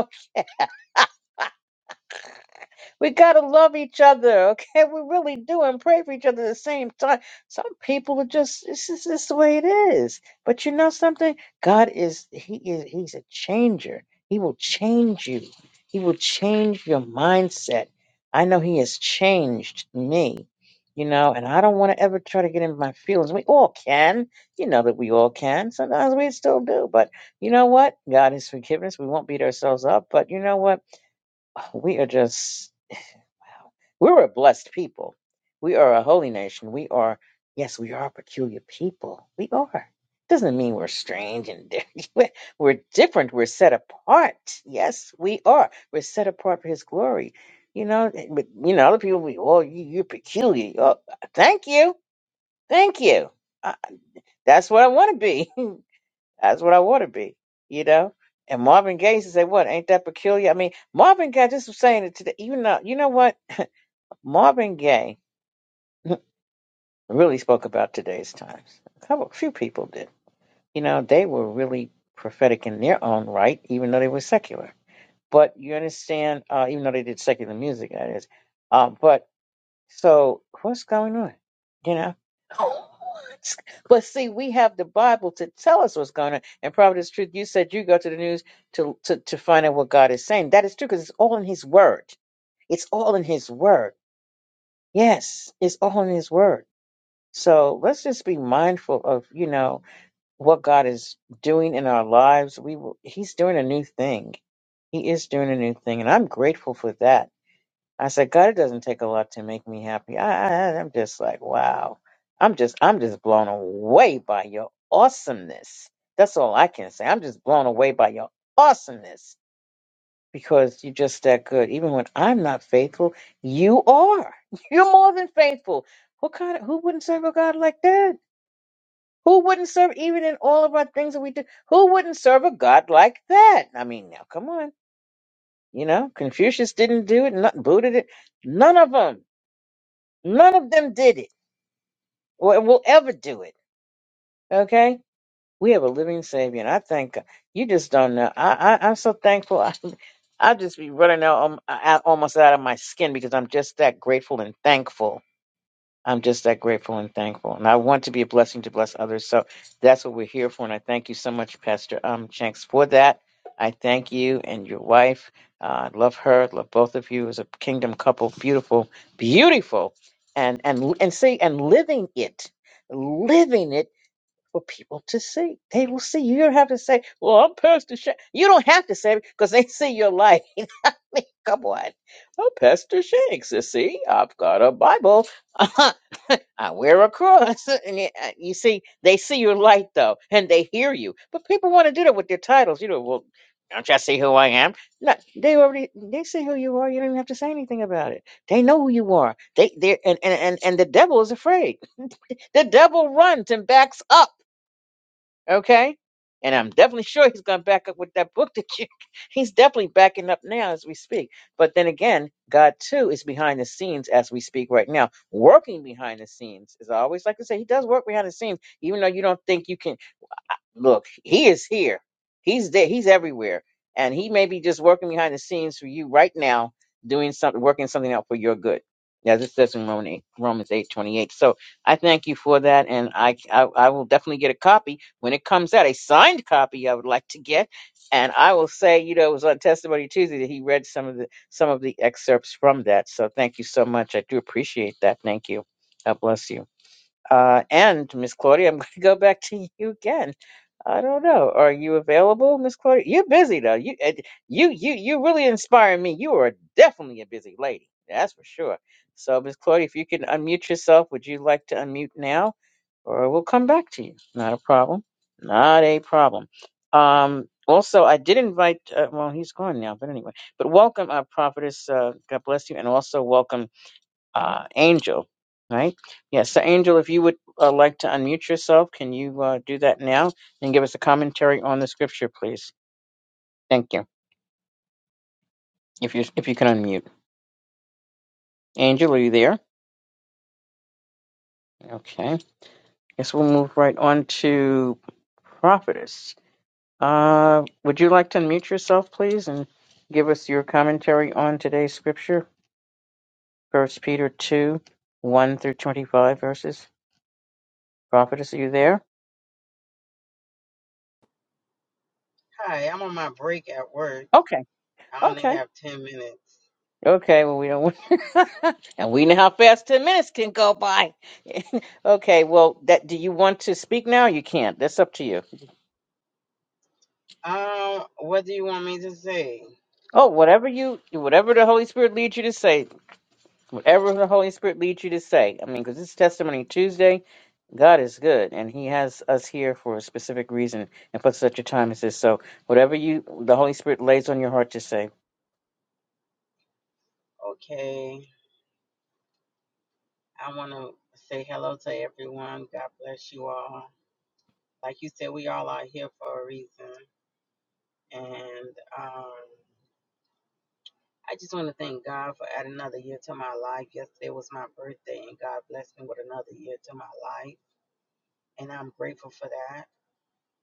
A: We gotta love each other, okay? We really do, and pray for each other at the same time. Some people are just this is this the way it is. But you know something? God is He is He's a changer. He will change you. He will change your mindset. I know He has changed me, you know, and I don't want to ever try to get into my feelings. We all can, you know that we all can. Sometimes we still do, but you know what? God is forgiveness. We won't beat ourselves up, but you know what? We are just we're a blessed people. We are a holy nation. We are, yes, we are a peculiar people. We are. Doesn't mean we're strange and different. We're different. We're set apart. Yes, we are. We're set apart for His glory. You know, but you know, other people. Be, oh, you, you're peculiar. Oh, thank you, thank you. Uh, that's what I want to be. that's what I want to be. You know. And Marvin Gaye used to say, "What ain't that peculiar?" I mean, Marvin Gaye. Just was saying it today. You know, you know what? Marvin Gaye really spoke about today's times. A couple, few people did. You know, they were really prophetic in their own right, even though they were secular. But you understand, uh, even though they did secular music, that is. Uh, but so, what's going on? You know. But see, we have the Bible to tell us what's going on. And probably truth. You said you go to the news to, to to find out what God is saying. That is true because it's all in His Word. It's all in His Word. Yes, it's all in His Word. So let's just be mindful of, you know, what God is doing in our lives. We will, he's doing a new thing. He is doing a new thing. And I'm grateful for that. I said, God, it doesn't take a lot to make me happy. I, I, I'm just like, wow. I'm just, I'm just blown away by your awesomeness. That's all I can say. I'm just blown away by your awesomeness because you're just that good. Even when I'm not faithful, you are. You're more than faithful. What kind of, who wouldn't serve a God like that? Who wouldn't serve even in all of our things that we do? Who wouldn't serve a god like that? I mean, now come on. You know, Confucius didn't do it, not Buddha did. None of them, none of them did it, or will ever do it. Okay, we have a living Savior, and I thank God. You just don't know. I, I I'm so thankful. I, I just be running out, um, out almost out of my skin because I'm just that grateful and thankful I'm just that grateful and thankful. And I want to be a blessing to bless others. So that's what we're here for. And I thank you so much, Pastor um, Shanks, for that. I thank you and your wife. Uh, I love her. Love both of you as a kingdom couple. Beautiful, beautiful. And, and, and see, and living it, living it for people to see. They will see. You don't have to say, well, I'm Pastor Shanks. You don't have to say it because they see your life. I mean, come on. Oh, Pastor Shanks, you see, I've got a Bible. I wear a cross. And y- uh, you see, they see your light though, and they hear you. But people want to do that with their titles. You know, well, don't y'all see who I am? No, they already they see who you are. You don't even have to say anything about it. They know who you are. They they and and and, and the devil is afraid. The devil runs and backs up. Okay? And I'm definitely sure he's going to back up with that book that you, he's definitely backing up now as we speak. But then again, God too is behind the scenes as we speak right now, working behind the scenes. As I always like to say, he does work behind the scenes, even though you don't think you can look, he is here. He's there. He's everywhere. And he may be just working behind the scenes for you right now, doing something, working something out for your good. Yeah, this says in Roman 8, Romans eight twenty eight. So I thank you for that, and I, I I will definitely get a copy when it comes out. A signed copy I would like to get, and I will say, you know, it was on Testimony Tuesday that he read some of the some of the excerpts from that. So thank you so much. I do appreciate that. Thank you. God bless you. Uh, and Miss Claudia, I'm going to go back to you again. I don't know. Are you available, Miss Claudia? You're busy though. You eh, you you you really inspire me. You are definitely a busy lady. That's for sure. So, Miss Claudia, if you can unmute yourself, would you like to unmute now, or we'll come back to you? Not a problem. Not a problem. Um. Also, I did invite. Uh, well, he's gone now, but anyway. But welcome, uh, prophetess. Uh, God bless you, and also welcome uh, Angel, right? Yes, so Angel, if you would uh, like to unmute yourself, can you uh, do that now and give us a commentary on the scripture, please? Thank you. If you if you can unmute, Angel, are you there? Okay. Guess we'll move right on to prophetess. Uh, would you like to unmute yourself, please, and give us your commentary on today's scripture, First Peter two, one through twenty-five verses. Prophetess, are you there?
E: Hi, I'm on my break at work.
A: Okay.
E: I only
A: Okay.
E: have 10 minutes.
A: Okay, well, we don't, and we know how fast 10 minutes can go by. okay, well, that do you want to speak now? Or You can't. That's up to you.
E: Um, what do you want me to say?
A: Oh, whatever you, whatever the Holy Spirit leads you to say, whatever the Holy Spirit leads you to say. I mean, because it's Testimony Tuesday. God is good, and He has us here for a specific reason and for such a time as this. So, whatever you, the Holy Spirit lays on your heart to say.
E: Okay, I want to say hello to everyone. God bless you all. Like you said, we all are here for a reason. And um, I just want to thank God for adding another year to my life. Yesterday was my birthday, and God blessed me with another year to my life. And I'm grateful for that.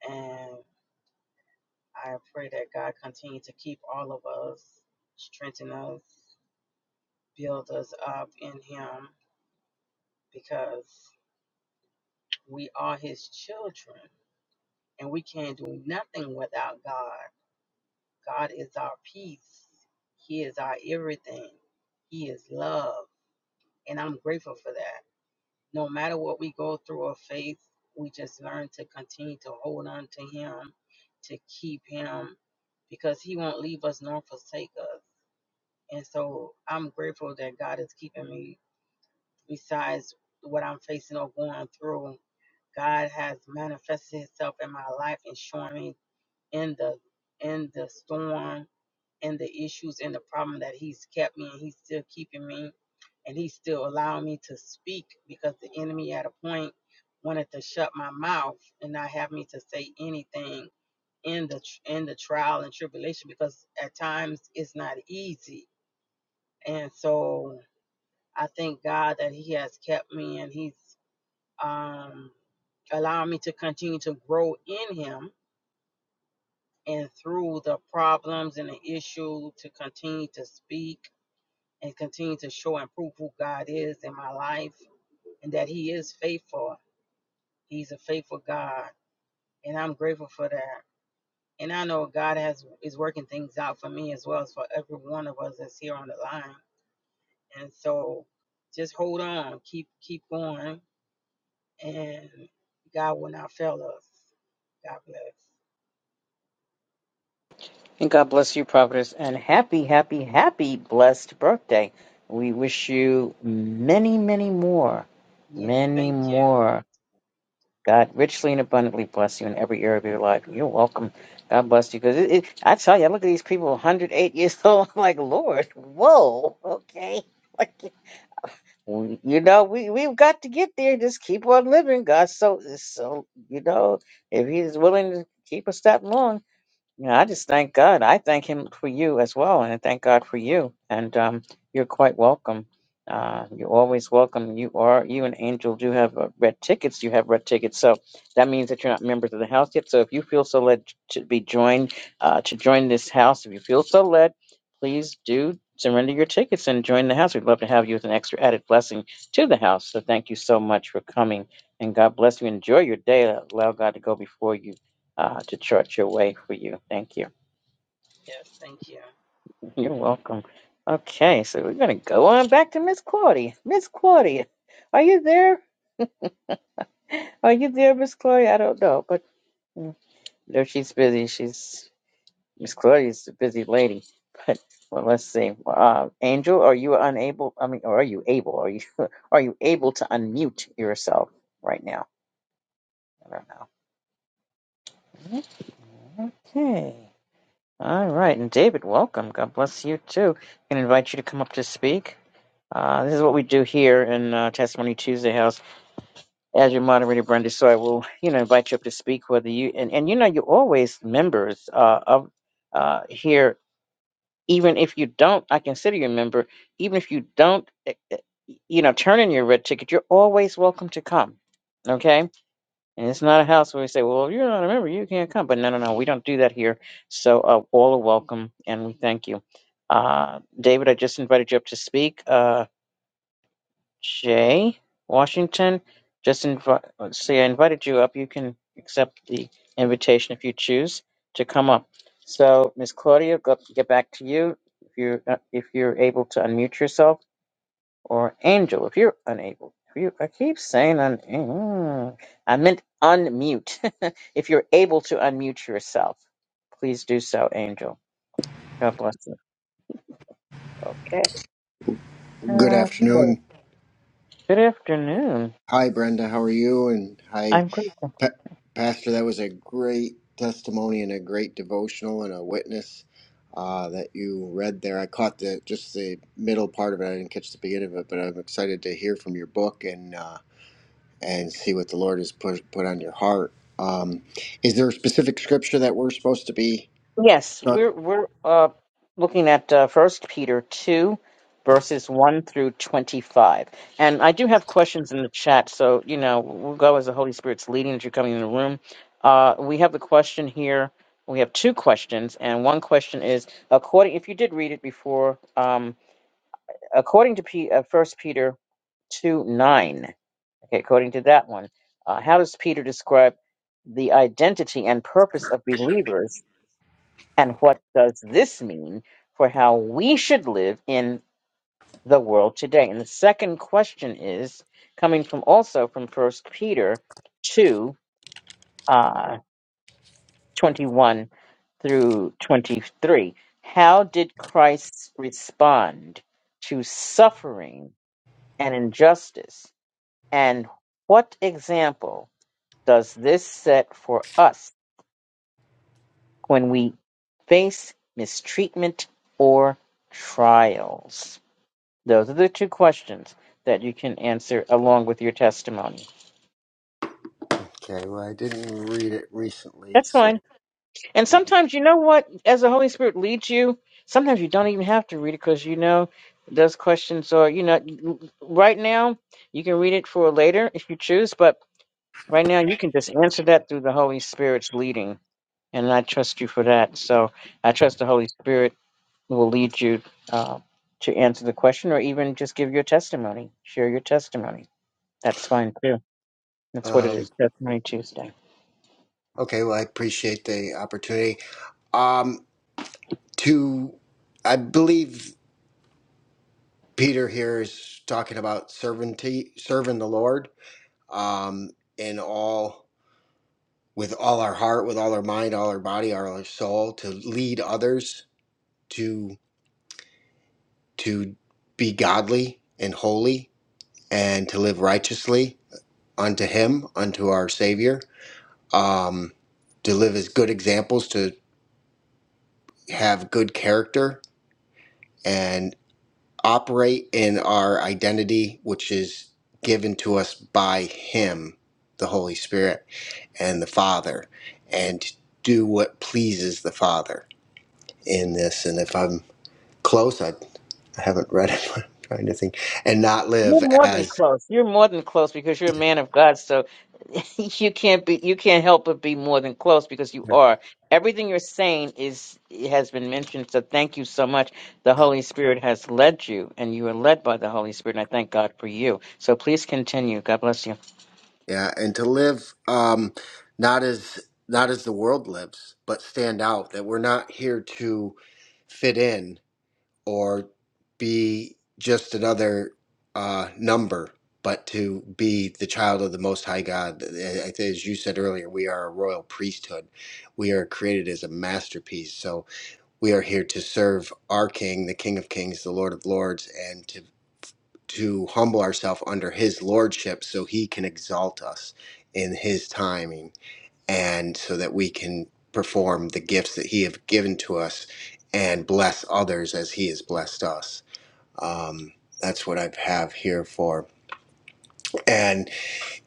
E: And I pray that God continue to keep all of us, strengthen us, build us up in Him because we are His children and we can't do nothing without God. God is our peace, He is our everything, He is love. And I'm grateful for that. No matter what we go through or face, we just learn to continue to hold on to Him, to keep Him, because He won't leave us nor forsake us. And so I'm grateful that God is keeping me besides what I'm facing or going through. God has manifested Himself in my life and showing me in the in the storm, in the issues, in the problem that He's kept me and He's still keeping me and He's still allowing me to speak because the enemy at a point wanted to shut my mouth and not have me to say anything in the tr- in the trial and tribulation because at times it's not easy and so I thank God that He has kept me and He's um, allowing me to continue to grow in Him and through the problems and the issue to continue to speak and continue to show and prove who God is in my life and that He is faithful. He's a faithful God, and I'm grateful for that. And I know God has is working things out for me as well as for every one of us that's here on the line. And so, just hold on, keep keep going, and God will not fail us. God bless.
A: And God bless you, Providence, and happy, happy, happy blessed birthday. We wish you many, many more,
E: Yes,
A: many
E: thank you.
A: more. God richly and abundantly bless you in every area of your life. You're welcome. God bless you. Because it, it, I tell you, I look at these people, 108 years old. I'm like, Lord, whoa, okay. Like, you know, we we've got to get there. Just keep on living. God, so so you know, if He's willing to keep us that long. Yeah, I just thank God. I thank Him for you as well, and I thank God for you. And um, you're quite welcome. Uh, you're always welcome. You are you and Angel do have uh, red tickets. You have red tickets, so that means that you're not members of the house yet. So if you feel so led to be joined uh, to join this house, if you feel so led, please do surrender your tickets and join the house. We'd love to have you as an extra added blessing to the house. So thank you so much for coming, and God bless you. Enjoy your day. Allow God to go before you uh, to chart your way for you. Thank you.
E: Yes, thank you.
A: You're welcome. Okay, so we're gonna go on back to Miss Claudia. Miss Claudia, are you there? Are you there, Miss Claudia? I don't know, but mm, no, she's busy. She's Miss Claudia's a busy lady. But well, let's see. Uh, Angel, are you unable? I mean, or are you able? Are you are you able to unmute yourself right now? I don't know. Okay. All right, and David, welcome. God bless you too. Can invite you to come up to speak. Uh, this is what we do here in uh, Testimony Tuesday House. As your moderator, Brenda, so I will, you know, invite you up to speak. Whether you and, and you know, you're always members uh, of uh, here, even if you don't. I consider you a member, even if you don't, eh, eh, you know, turn in your red ticket. You're always welcome to come. Okay, and it's not a house where we say, "Well, you're not a member, you can't come." But no, no, no, we don't do that here. So uh, all are welcome, and we thank you. Uh, David, I just invited you up to speak. Uh, Jay Washington, just invite. uh, see, I invited you up. You can accept the invitation if you choose to come up. So, Miss Claudia, go, get back to you if you're uh, if you're able to unmute yourself, or Angel, if you're unable. If you, I keep saying un, mm, I meant unmute. if you're able to unmute yourself, please do so, Angel. God bless you. Okay.
F: Good
A: Uh, so,
F: afternoon.
A: good afternoon.
F: Hi, Brenda. How are you? And hi,
A: I'm grateful.
F: pa- Pastor. That was a great testimony and a great devotional and a witness uh, that you read there. I caught the just the middle part of it. I didn't catch the beginning of it, but I'm excited to hear from your book and uh, and see what the Lord has put put on your heart. Um, is there a specific scripture that we're supposed to be?
A: Yes,
F: Okay.
A: we're we're uh, looking at uh, First Peter two, verses one through twenty-five, and I do have questions in the chat. So you know, we'll go as the Holy Spirit's leading as you're coming in the room. Uh, we have the question here. We have two questions, and one question is according. If you did read it before, um, according to P, uh, First Peter two nine. Okay, according to that one, uh, how does Peter describe the identity and purpose of believers? And what does this mean for how we should live in the world today? And the second question is coming from also from First Peter 2 uh, 21 through 23. How did Christ respond to suffering and injustice? And what example does this set for us when we face mistreatment or trials? Those are the two questions that you can answer along with your testimony.
F: Well, I didn't read it recently,
A: That's
F: so
A: fine. And sometimes, you know what? As the Holy Spirit leads you, sometimes you don't even have to read it because you know those questions are, you know, right now you can read it for later if you choose, but right now you can just answer that through the Holy Spirit's leading. And I trust you for that. So I trust the Holy Spirit will lead you uh, to answer the question or even just give your testimony, share your testimony. That's fine too. That's what it
F: um,
A: is. Testimony Tuesday.
F: okay. Well, I appreciate the opportunity. Um, to i believe peter here is talking about servanty serving the lord um in all with all our heart with all our mind all our body all our soul to lead others to to be godly and holy and to live righteously unto him unto our savior um to live as good examples to have good character operate in our identity, which is given to us by Him, the Holy Spirit, and the Father, and do what pleases the Father in this. And if I'm close, I I haven't read it, but I'm trying to think, and not
A: You're
F: live
A: more than
F: as
A: close. You're more than close because you're a man of God. So you can't be. You can't help but be more than close because you
F: Yeah.
A: are. Everything you're saying is has been mentioned. So thank you so much. The
F: Yeah.
A: Holy Spirit has led you, and you are led by the Holy Spirit. And I thank God for you. So please continue. God bless you.
F: Yeah, and to live um, not as not as the world lives, but stand out. That we're not here to fit in or be just another uh, number, but to be the child of the Most High God. I- I- As you said earlier, we are a royal priesthood. We are created as a masterpiece. So we are here to serve our King, the King of Kings, the Lord of Lords, and to to humble ourselves under His lordship, so He can exalt us in His timing, and so that we can perform the gifts that He have given to us and bless others as He has blessed us. Um, that's what I have here for. And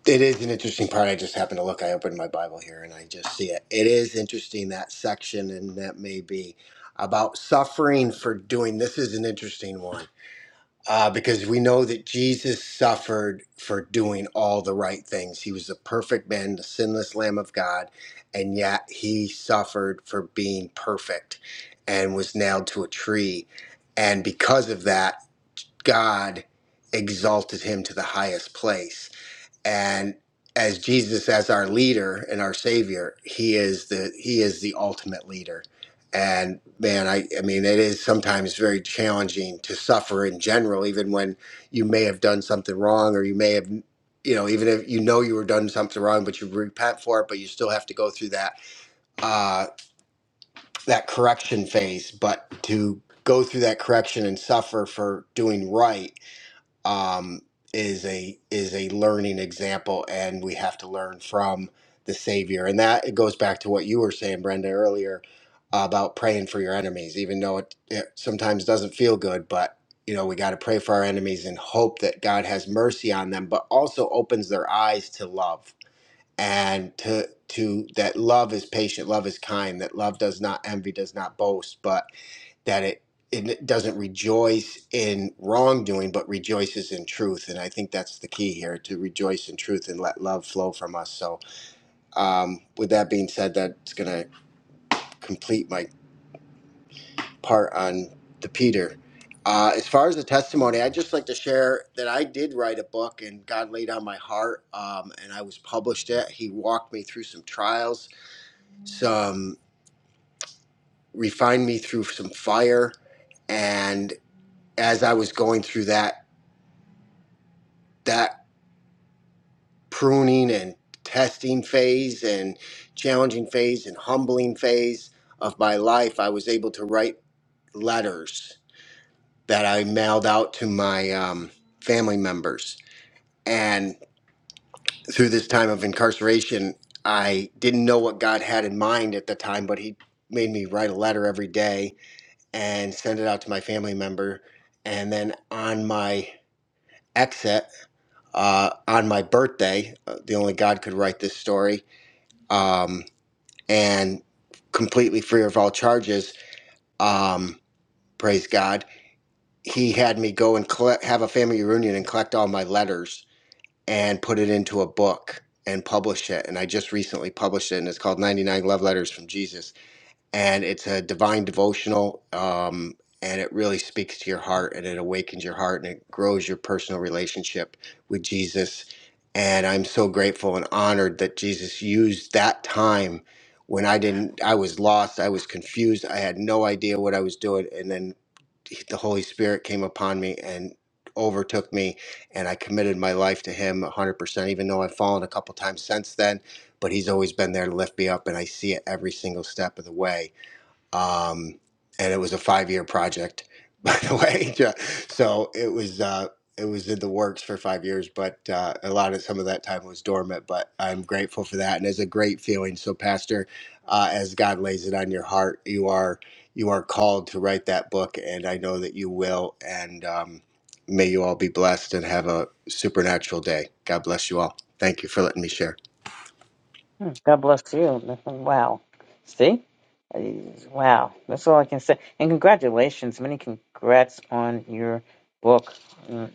F: it is an interesting part. I just happened to look, I opened my Bible here and I just see it. It is interesting that section, and that may be about suffering for doing. This is an interesting one uh, because we know that Jesus suffered for doing all the right things. He was the perfect man, the sinless Lamb of God, and yet he suffered for being perfect and was nailed to a tree. And because of that, God exalted him to the highest place. And as Jesus as our leader and our savior, he is the he is the ultimate leader. And man, I, I mean it is sometimes very challenging to suffer in general, even when you may have done something wrong or you may have you know, even if you know you were done something wrong, but you repent for it, but you still have to go through that uh, that correction phase. But to go through that correction and suffer for doing right um, is a is a learning example, and we have to learn from the Savior. And that it goes back to what you were saying, Brenda, earlier about praying for your enemies, even though it, it sometimes doesn't feel good. But you know, we got to pray for our enemies and hope that God has mercy on them, but also opens their eyes to love and to to that love is patient love is kind that love does not envy does not boast but that it it doesn't rejoice in wrongdoing but rejoices in truth and i think that's the key here to rejoice in truth and let love flow from us so um, with that being said that's going to complete my part on the peter uh, as far as the testimony i'd just like to share that i did write a book and god laid on my heart um, and i was published it he walked me through some trials some refined me through some fire and as i was going through that that pruning and testing phase and challenging phase and humbling phase of my life i was able to write letters that i mailed out to my um, family members and through this time of incarceration i didn't know what god had in mind at the time but he made me write a letter every day and send it out to my family member. And then on my exit, uh, on my birthday, uh, the only God could write this story, um, and completely free of all charges, um, praise God, he had me go and collect, have a family reunion and collect all my letters and put it into a book and publish it. And I just recently published it, and it's called 99 Love Letters from Jesus and it's a divine devotional um, and it really speaks to your heart and it awakens your heart and it grows your personal relationship with jesus and i'm so grateful and honored that jesus used that time when i didn't i was lost i was confused i had no idea what i was doing and then the holy spirit came upon me and overtook me and i committed my life to him 100% even though i've fallen a couple times since then but he's always been there to lift me up and i see it every single step of the way um, and it was a five-year project, by the way. Yeah. So it was uh, it was in the works for five years, but uh, a lot of some of that time was dormant. But I'm grateful for that, and it's a great feeling. So, Pastor, uh, as God lays it on your heart, you are you are called to write that book, and I know that you will. And um, may you all be blessed and have a supernatural day. God bless you all. Thank you for letting me share
A: Hmm, God bless you. Wow. See? Uh, Wow. That's all I can say. And congratulations. Many congrats on your book. Mm,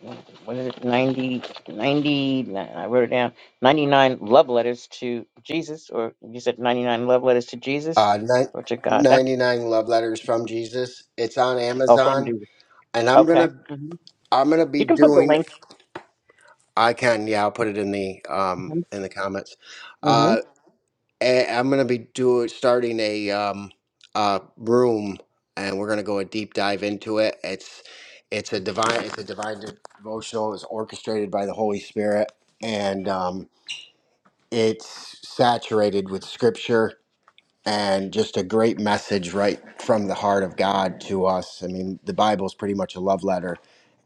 A: What is it? 90, ninety, I wrote it down. 99 love letters to Jesus, or you said 99 love letters to Jesus
F: uh,
A: or to
F: ni-
A: God. That,
F: 99 love letters from jesus it's on
A: oh, from
F: amazon
A: Jesus.
F: and i'm
A: Okay.
F: gonna
A: hmm
F: i'm gonna be
A: You can put the
F: doing
A: link.
F: i can yeah i'll put it in the um in the comments
A: hmm
F: Uh, And I'm gonna be doing starting a um uh room, and we're gonna go a deep dive into it. It's it's a divine it's a divine devotional. It's orchestrated by the Holy Spirit, and um, it's saturated with Scripture and just a great message right from the heart of God to us. I mean, the Bible is pretty much a love letter,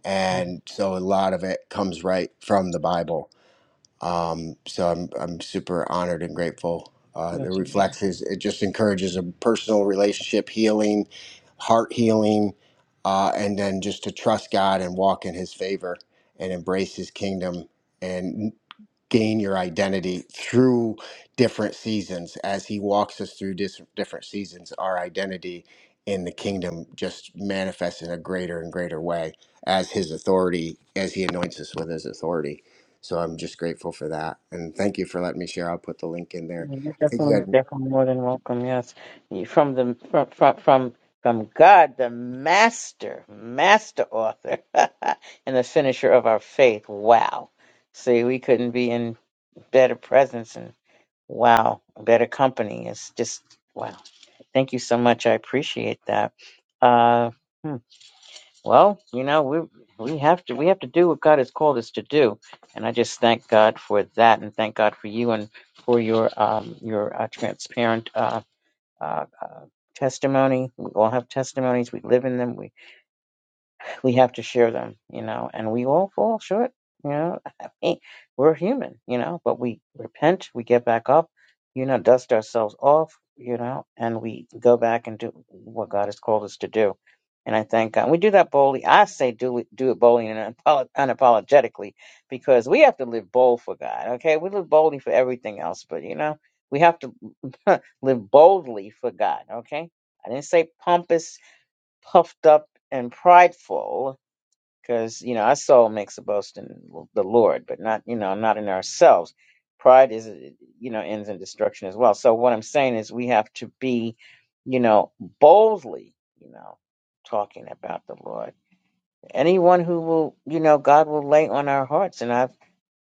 F: and so a lot of it comes right from the Bible um, so I'm, I'm super honored and grateful. Uh, the
A: hmm
F: reflections, it just encourages a personal relationship healing, heart healing, uh, and then just to trust God and walk in His favor and embrace His kingdom. and gain your identity through different seasons. As He walks us through dis- different seasons, our identity in the kingdom just manifests in a greater and greater way as His authority, as He anoints us with His authority. So I'm just grateful for that, and thank you for letting me share. I'll put the link in there.
A: Yeah, You're
F: I think
A: definitely,
F: that
A: definitely more than welcome. Yes, You- from the from from from, from God, the master, master author, and the finisher of our faith. Wow. See, we couldn't be in better presence and wow, better company. It's just wow. Thank you so much. I appreciate that. Uh, hmm. Well, you know, we we have to we have to do what God has called us to do, and I just thank God for that, and thank God for you and for your um your uh, transparent uh, uh uh testimony. We all have testimonies. We live in them. We we have to share them, you know, and we all fall short, you know. I mean, we're human, you know, but we repent, we get back up, you know, dust ourselves off, you know, and we go back and do what God has called us to do. And I thank God. We do that boldly. I say do it, do it boldly and unapolo- unapologetically because we have to live bold for God, okay? We live boldly for everything else, but, you know, we have to live boldly for God, okay? I didn't say pompous, puffed up, and prideful because you know our soul makes a boast in the Lord, but not you know not in ourselves. Pride is you know ends in destruction as well. So what I'm saying is we have to be, you know, boldly, you know, talking about the Lord. Anyone who will, you know, God will lay on our hearts, and I've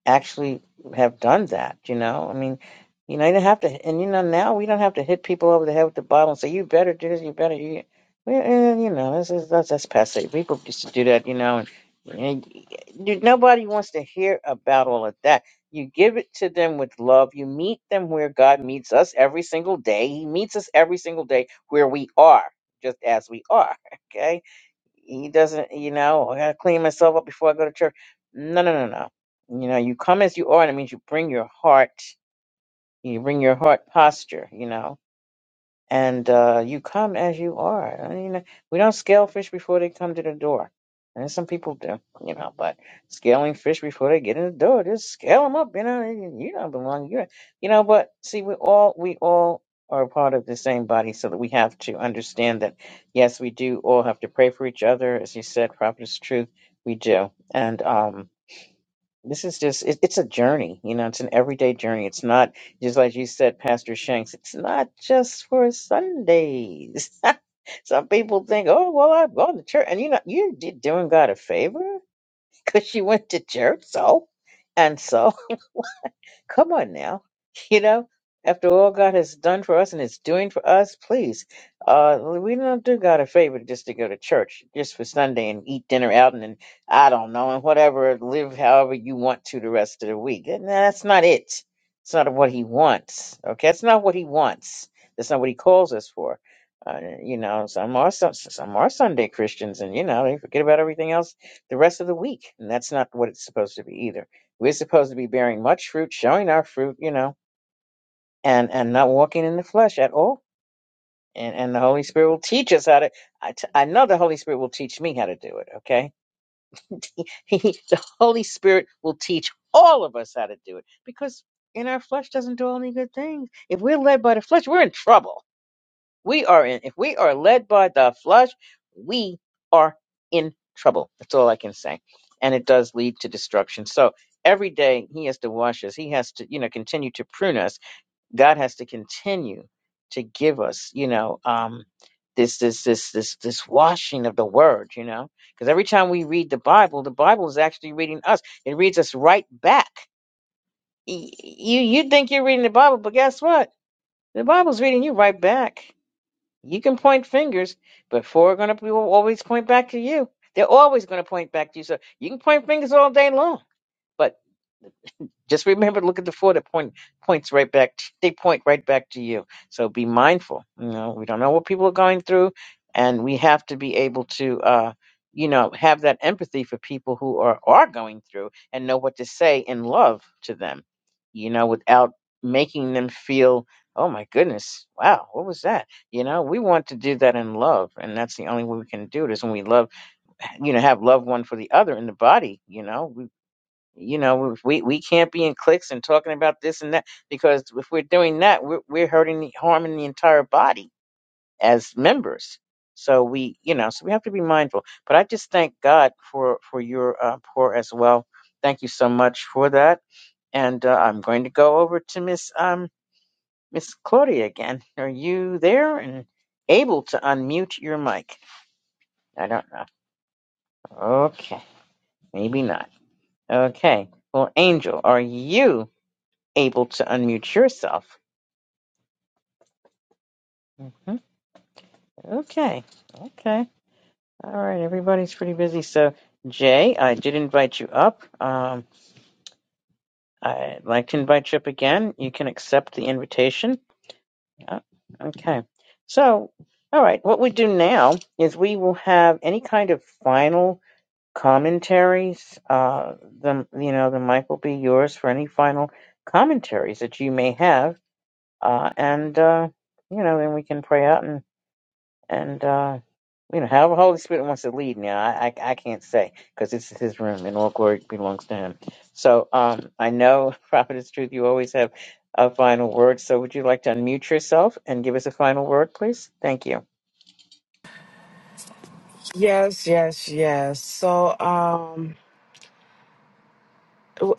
A: actually have done that, you know? I mean, you know, you don't have to, and you know, now we don't have to hit people over the head with the bottle and say, you better do this, you better, you, we- eh, you know, this is, that's, that's passe. People used to do that, you know, and, and you, nobody wants to hear about all of that. You give it to them with love. You meet them where God meets us every single day. He meets us every single day where we are, just as we are, okay? He doesn't, you know, I gotta clean myself up before I go to church. No, no, no, no. You know, you come as you are, and it means you bring your heart, you bring your heart posture, you know and uh, you come as you are. I mean, uh, we don't scale fish before they come to the door, and some people do, you know. But scaling fish before they get in the door, just scale them up, you know. You you don't belong, you, you know. But see, we all we all are a part of the same body, so that we have to understand that yes, we do all have to pray for each other, as you said, prophetess truth. We do, and um, this is just, it, it's a journey, you know, it's an everyday journey. It's not, just like you said, Pastor Shanks, it's not just for Sundays. Some people think, oh, well, I've gone to church. And you know, you did doing God a favor because you went to church. So, and so. Come on now. You know, after all God has done for us and is doing for us, please. Uh, we don't do God a favor just to go to church, just for Sunday and eat dinner out and, then I don't know, and whatever, live however you want to the rest of the week. And that's not it. It's not what He wants. Okay. It's not what He wants. That's not what He calls us for. Uh, you know, some are some, some are Sunday Christians, and you know they forget about everything else the rest of the week, and that's not what it's supposed to be either. We're supposed to be bearing much fruit, showing our fruit, you know, and and not walking in the flesh at all. And and the Holy Spirit will teach us how to. I, t- I know the Holy Spirit will teach me how to do it. Okay, the Holy Spirit will teach all of us how to do it because in our flesh doesn't do any good things. If we're led by the flesh, we're in trouble We are in, if we are led by the flesh, we are in trouble. That's all I can say. And it does lead to destruction. So every day he has to wash us. He has to, you know, continue to prune us. God has to continue to give us, you know, um, this, this, this, this, this washing of the word, you know, because every time we read the Bible, the Bible is actually reading us. It reads us right back. Y- You, you think you're reading the Bible, but guess what? The Bible's reading you right back. You can point fingers, but four are going to be always point back to you. They're always going to point back to you. So you can point fingers all day long, but just remember, to look at the four that point points right back. t- they point right back to you. So be mindful. You know, we don't know what people are going through, and we have to be able to, uh, you know, have that empathy for people who are are going through and know what to say in love to them. You know, without making them feel, oh my goodness, wow, what was that? You know, we want to do that in love, and that's the only way we can do it is when we love you know have love one for the other in the body you know you know, if we we can't be in cliques and talking about this and that because if we're doing that, we're we're hurting, the, harming the entire body as members. So we, you know, so we have to be mindful. But I just thank God for for your uh, pour as well. Thank you so much for that. And uh, I'm going to go over to Miss um Miss Claudia again. Are you there and able to unmute your mic? I don't know. Okay, maybe not. Okay. Well, Angel, are you? able to unmute yourself. hmm Okay. Okay. All right. Everybody's pretty busy. So, Jay, I did invite you up. Um, I'd like to invite you up again. You can accept the invitation. Yeah. Okay. So, all right. What we do now is we will have any kind of final commentaries. Uh, the you know the mic will be yours for any final commentaries that you may have. Uh, and uh, you know then we can pray out and. and uh, you know, however Holy Spirit wants to lead. Now, I I, I can't say because this is His room, and all glory belongs to Him. So, um, I know, Prophetess Truth, you always have a final word. So, would you like to unmute yourself and give us a final word, please? Thank you.
B: Yes, yes, yes. So, um,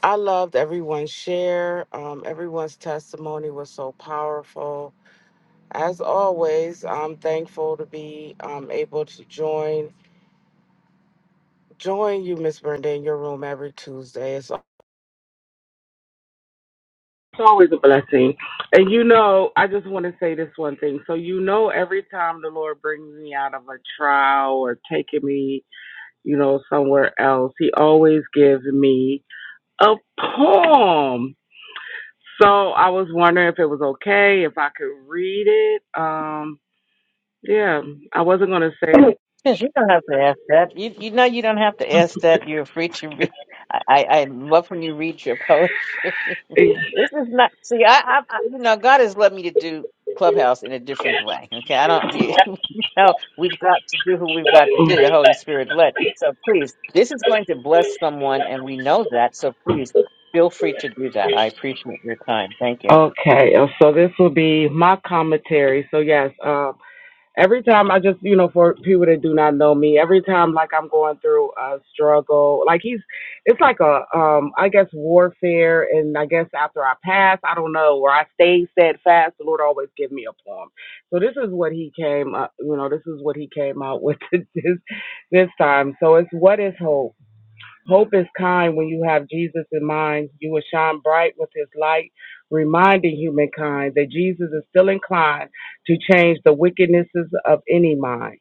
B: I loved everyone's share. Um, everyone's testimony was so powerful. As always, I'm thankful to be um, able to join join you, Miss Brenda, in your room every Tuesday. It's It's always a blessing. And you know, I just want to say this one thing. So, you know, every time the Lord brings me out of a trial or taking me, you know, somewhere else, He always gives me a poem. So I was wondering if it was okay, if I could read it. Um, yeah, I wasn't going to say
A: Yes, you don't have to ask that. You you know you don't have to ask that. You're free to read. I I I love when you read your poetry. This is not. See, I, I, I you know, God has led me to do Clubhouse in a different way. Okay, I don't. You know, we've got to do who we've got to do. The
B: it.
A: Holy Spirit led. So please, this is going to bless someone, and we know that. So please, feel free to do that. I appreciate your time. Thank you.
B: Okay, uh, so this will be my commentary. So, yes. um. every time I just, you know, for people that do not know me, every time like I'm going through a struggle, like he's, it's like a, um, I guess warfare, and I guess after I pass, I don't know, where I stay steadfast, the Lord always give me a poem. So this is what he came, up, you know, this is what he came out with this this time. So it's what is hope. Hope is kind when you have Jesus in mind. You will shine bright with his light, reminding humankind that Jesus is still inclined to change the wickednesses of any mind.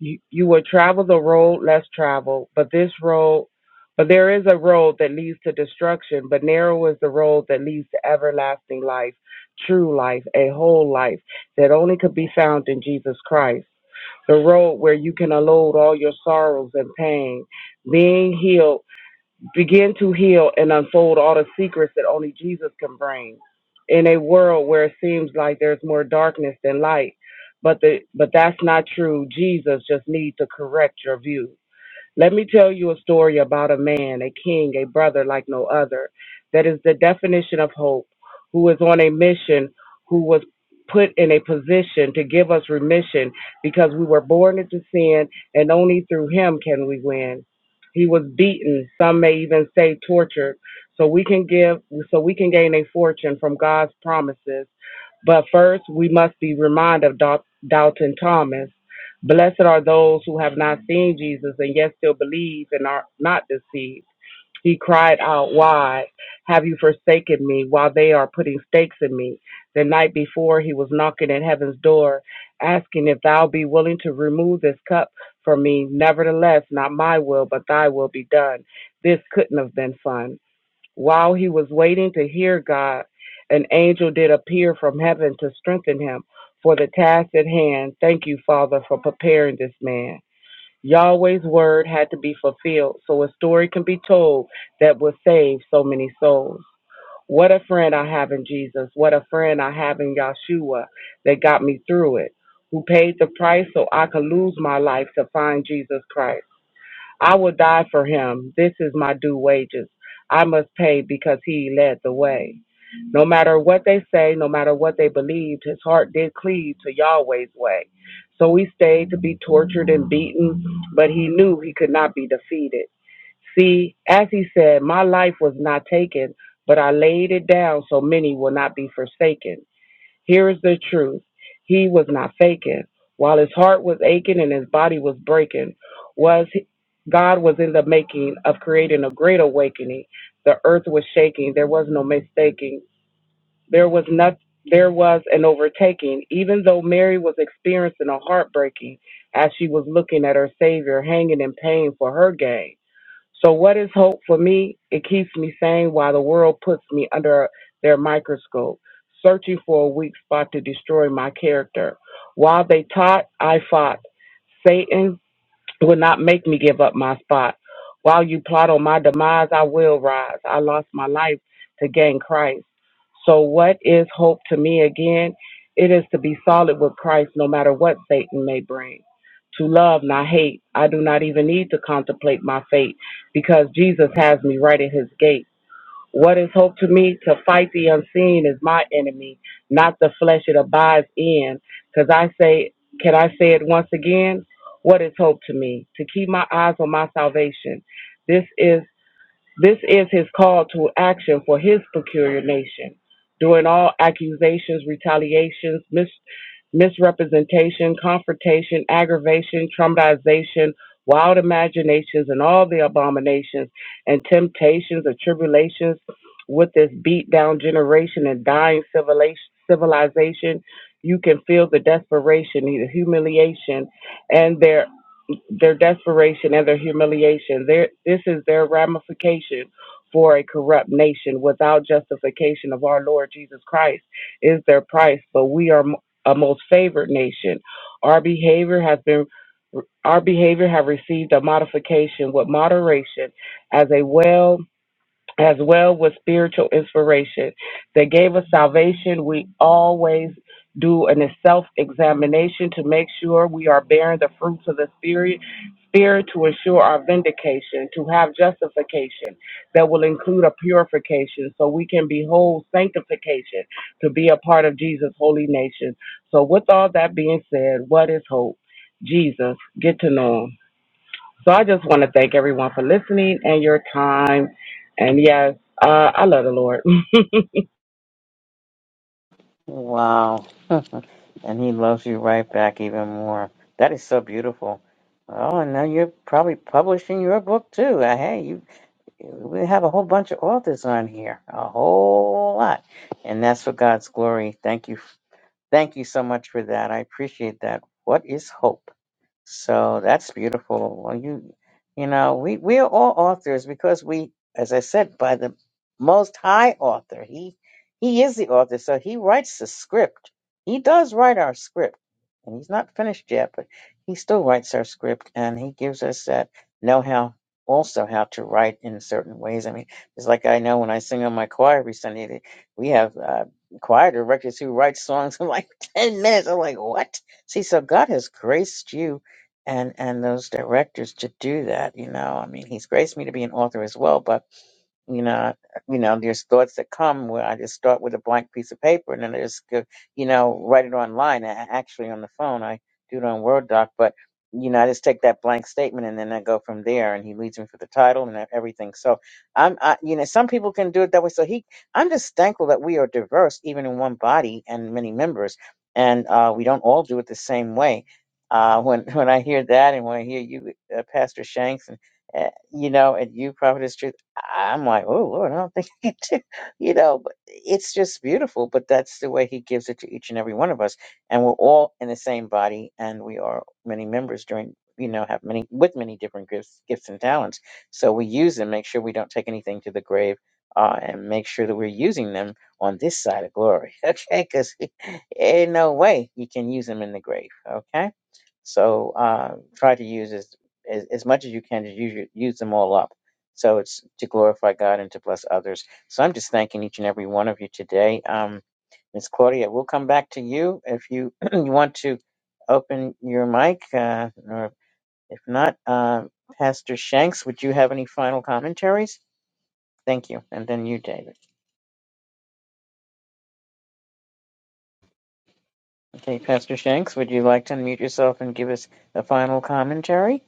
B: You, you will travel the road less traveled, but this road, but there is a road that leads to destruction, but narrow is the road that leads to everlasting life, true life, a whole life that only could be found in Jesus Christ. The road where you can unload all your sorrows and pain, being healed Begin to heal and unfold all the secrets that only Jesus can bring. In a world where it seems like there's more darkness than light, but the but that's not true. Jesus just needs to correct your view. Let me tell you a story about a man, a king, a brother like no other, that is the definition of hope, who is on a mission, who was put in a position to give us remission because we were born into sin and only through him can we win. He was beaten, some may even say tortured, so we can give so we can gain a fortune from God's promises. But first, we must be reminded of Dal- Dalton Thomas. Blessed are those who have not seen Jesus and yet still believe and are not deceived. He cried out, Why have you forsaken me while they are putting stakes in me? The night before, he was knocking at heaven's door, asking if thou be willing to remove this cup from me. Nevertheless, not my will, but thy will be done. This couldn't have been fun. While he was waiting to hear God, an angel did appear from heaven to strengthen him for the task at hand. Thank you, Father, for preparing this man. Yahweh's word had to be fulfilled so a story can be told that will save so many souls. What a friend I have in Jesus. What a friend I have in Yahshua that got me through it, who paid the price so I could lose my life to find Jesus Christ. I will die for him. This is my due wages. I must pay because he led the way. No matter what they say, no matter what they believed, his heart did cleave to Yahweh's way. So he stayed to be tortured and beaten, but he knew he could not be defeated. See, as he said, my life was not taken, but I laid it down so many will not be forsaken. Here is the truth. He was not faking. While his heart was aching and his body was breaking, was God was in the making of creating a great awakening. The earth was shaking. There was no mistaking. There was not there was an overtaking. Even though Mary was experiencing a heartbreaking as she was looking at her Savior hanging in pain for her gain so, what is hope for me? It keeps me sane while the world puts me under their microscope, searching for a weak spot to destroy my character. While they taught, I fought. Satan will not make me give up my spot. While you plot on my demise, I will rise. I lost my life to gain Christ. So, what is hope to me again? It is to be solid with Christ no matter what Satan may bring. To love, not hate. I do not even need to contemplate my fate because Jesus has me right at his gate. What is hope to me? To fight the unseen is my enemy, not the flesh it abides in. Because I say, can I say it once again? What is hope to me? To keep my eyes on my salvation. This is this is his call to action for his peculiar nation. During all accusations, retaliations, mis- misrepresentation, confrontation, aggravation, traumatization, wild imaginations, and all the abominations and temptations and tribulations with this beat down generation and dying civilization, civilization, you can feel the desperation, the humiliation, and their their desperation and their humiliation. Their, this is their ramification for a corrupt nation without justification of our Lord Jesus Christ is their price. But we are a most favored nation. Our behavior has been our behavior have received a modification with moderation as a well as well with spiritual inspiration that gave us salvation. We always do a self examination to make sure we are bearing the fruits of the Spirit. Spirit to ensure our vindication, to have justification that will include a purification so we can behold sanctification to be a part of Jesus' holy nation. So, with all that being said, what is hope? Jesus, get to know him. So I just want to thank everyone for listening and your time. And yes, uh, I love the Lord.
A: Wow, and He loves you right back even more. That is so beautiful. Oh, and now you're probably publishing your book too. Uh, Hey, you We have a whole bunch of authors on here, a whole lot. And that's for God's glory. Thank you. Thank you so much for that. I appreciate that. What is hope? So that's beautiful. Well, you, you know, we we are all authors because we, as I said, by the Most High Author. He he is the author, so he writes the script. He does write our script, and he's not finished yet, but he still writes our script, and he gives us that know-how also how to write in certain ways. I mean, it's like I know when I sing on my choir every Sunday, that we have uh, choir directors who write songs in like ten minutes. I'm like, what? See, so God has graced you and and those directors to do that. You know, I mean, he's graced me to be an author as well, but you know, I- you know, there's thoughts that come where I just start with a blank piece of paper and then I just, go, you know, write it online. A- Actually, on the phone, I do it on Word doc, but you know, I just take that blank statement and then I go from there. And he leads me for the title and e, everything. So I'm, I, you know, some people can do it that way. So he, I'm just thankful that we are diverse, even in one body and many members, and uh, we don't all do it the same way. Uh, when when I hear that, and when I hear you, uh, Pastor Shanks, and uh, you know, and you, Prophet I'm like, oh Lord, I don't think I can do, you know, but it's just beautiful. But that's the way he gives it to each and every one of us. And we're all in the same body and we are many members during you know, have many with many different gifts gifts and talents. So we use them, make sure we don't take anything to the grave, uh, and make sure that we're using them on this side of glory. Okay, because ain't no way you can use them in the grave. Okay. So uh try to use as as, as much as you can to use your, use them all up so it's to glorify God and to bless others. So I'm just thanking each and every one of you today. Um, Miss Claudia, we'll come back to you if you, you want to open your mic, uh, or if not, uh, Pastor Shanks, would you have any final commentaries? Thank you. And then you, David. Okay, Pastor Shanks, would you like to unmute yourself and give us a final commentary?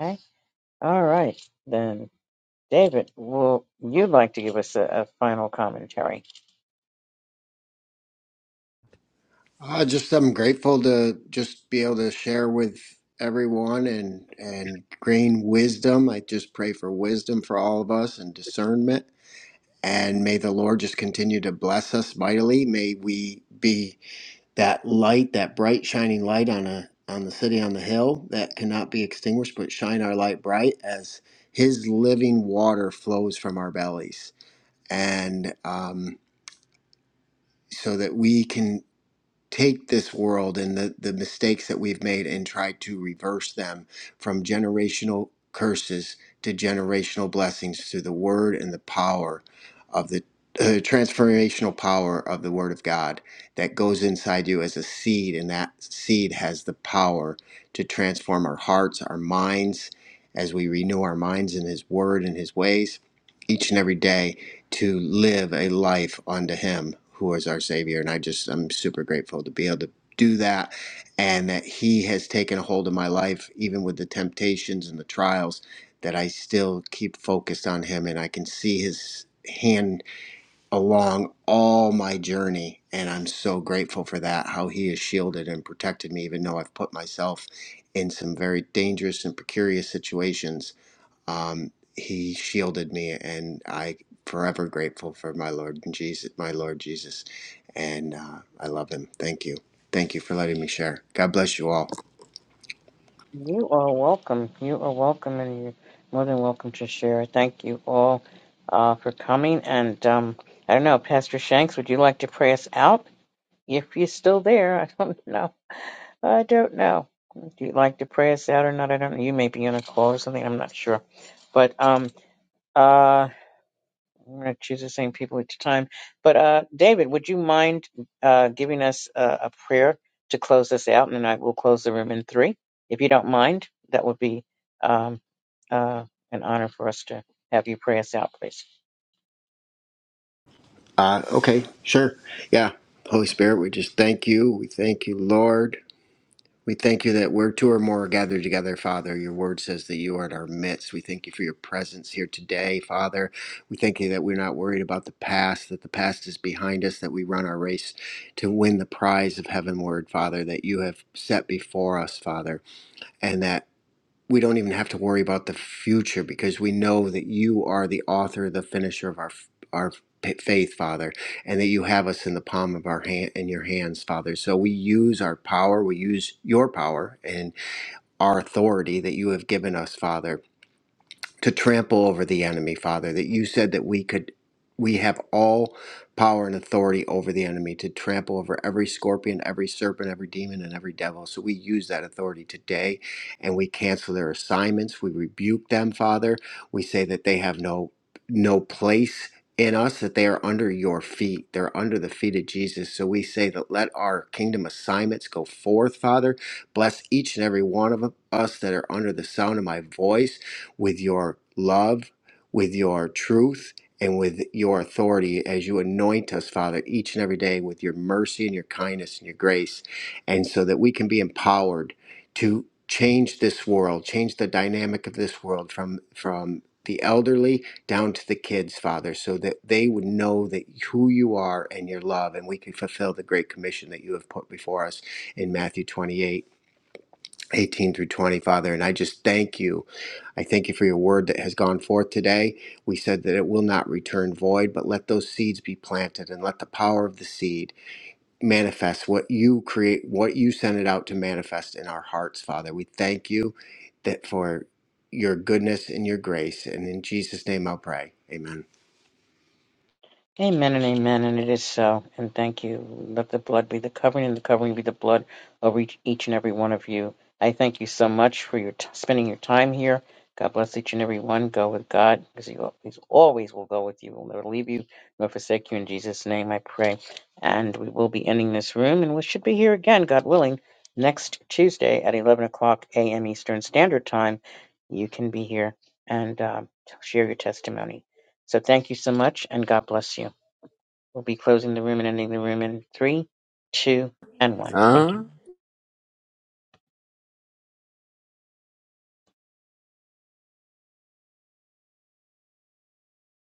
A: Okay. All right. Then, David, will you like to give us a, a final commentary?
F: uh, just I'm grateful to just be able to share with everyone and and gain wisdom. I just pray for wisdom for all of us and discernment And may the Lord just continue to bless us mightily. May we be that light, that bright shining light on a on the city on the hill that cannot be extinguished, but shine our light bright as His living water flows from our bellies, and um, so that we can take this world and the, the mistakes that we've made and try to reverse them from generational curses to generational blessings through the word and the power of the uh, transformational power of the word of God that goes inside you as a seed, and that seed has the power to transform our hearts, our minds, as we renew our minds in His word and His ways each and every day to live a life unto Him who is our Savior. And I just, I'm super grateful to be able to do that and that He has taken a hold of my life, even with the temptations and the trials, that I still keep focused on Him and I can see His hand along all my journey. And I'm so grateful for that, how He has shielded and protected me, even though I've put myself in some very dangerous and precarious situations um, he shielded me, and I forever grateful for my Lord and Jesus, my Lord Jesus, and uh, I love him. Thank you, thank you for letting me share. God bless you all.
A: You are welcome. You are welcome, and you're more than welcome to share. Thank you all uh, for coming. And um, I don't know, Pastor Shanks, would you like to pray us out? If you're still there, I don't know. I don't know. Do you like to pray us out or not? I don't know. You may be on a call or something. I'm not sure. But um, uh, I'm going to choose the same people each time. But uh, David, would you mind uh, giving us uh, a prayer to close this out? And I will close the room in three. If you don't mind, that would be um, uh, an honor for us to have you pray us out, please.
F: Uh, okay, sure, yeah. Holy Spirit, we just thank you. We thank you, Lord. We thank you that where two or more are gathered together, Father. Your word says that you are in our midst. We thank you for your presence here today, Father. We thank you that we're not worried about the past, that the past is behind us, that we run our race to win the prize of heavenward, Father, that you have set before us, Father, and that we don't even have to worry about the future because we know that you are the author, the finisher of our our p- faith, Father, and that you have us in the palm of our hand in your hands, Father. So we use our power, we use your power and our authority that you have given us, Father, to trample over the enemy, Father, that you said that we could we have all power and authority over the enemy to trample over every scorpion, every serpent, every demon, and every devil. So we use that authority today and we cancel their assignments. We rebuke them, Father. We say that they have no no place in us, that they are under your feet. They're under the feet of Jesus. So we say that let our kingdom assignments go forth, Father. Bless each and every one of us that are under the sound of my voice with your love, with your truth, and with your authority as you anoint us, Father, each and every day with your mercy and your kindness and your grace, and so that we can be empowered to change this world, change the dynamic of this world from from the elderly down to the kids, Father, so that they would know that who you are and your love, and we can fulfill the great commission that you have put before us in Matthew 28. 18 through 20, Father. And I just thank you. I thank you for your word that has gone forth today. We said that it will not return void, but let those seeds be planted and let the power of the seed manifest what you create, what you sent it out to manifest in our hearts, Father. We thank you that for your goodness and your grace. And in Jesus' name I'll pray. Amen.
A: Amen and amen, and it is so. And thank you. Let the blood be the covering, and the covering be the blood over each, each and every one of you. I thank you so much for your t- spending your time here. God bless each and every one. Go with God, because He always, always will go with you. Will never leave you nor forsake you. In Jesus' name, I pray. And we will be ending this room, and we should be here again, God willing, next Tuesday at 11 o'clock a.m. Eastern Standard Time. You can be here and um, share your testimony. So thank you so much, and God bless you. We'll be closing the room and ending the room in three, two, and one. Thank you.
G: Huh?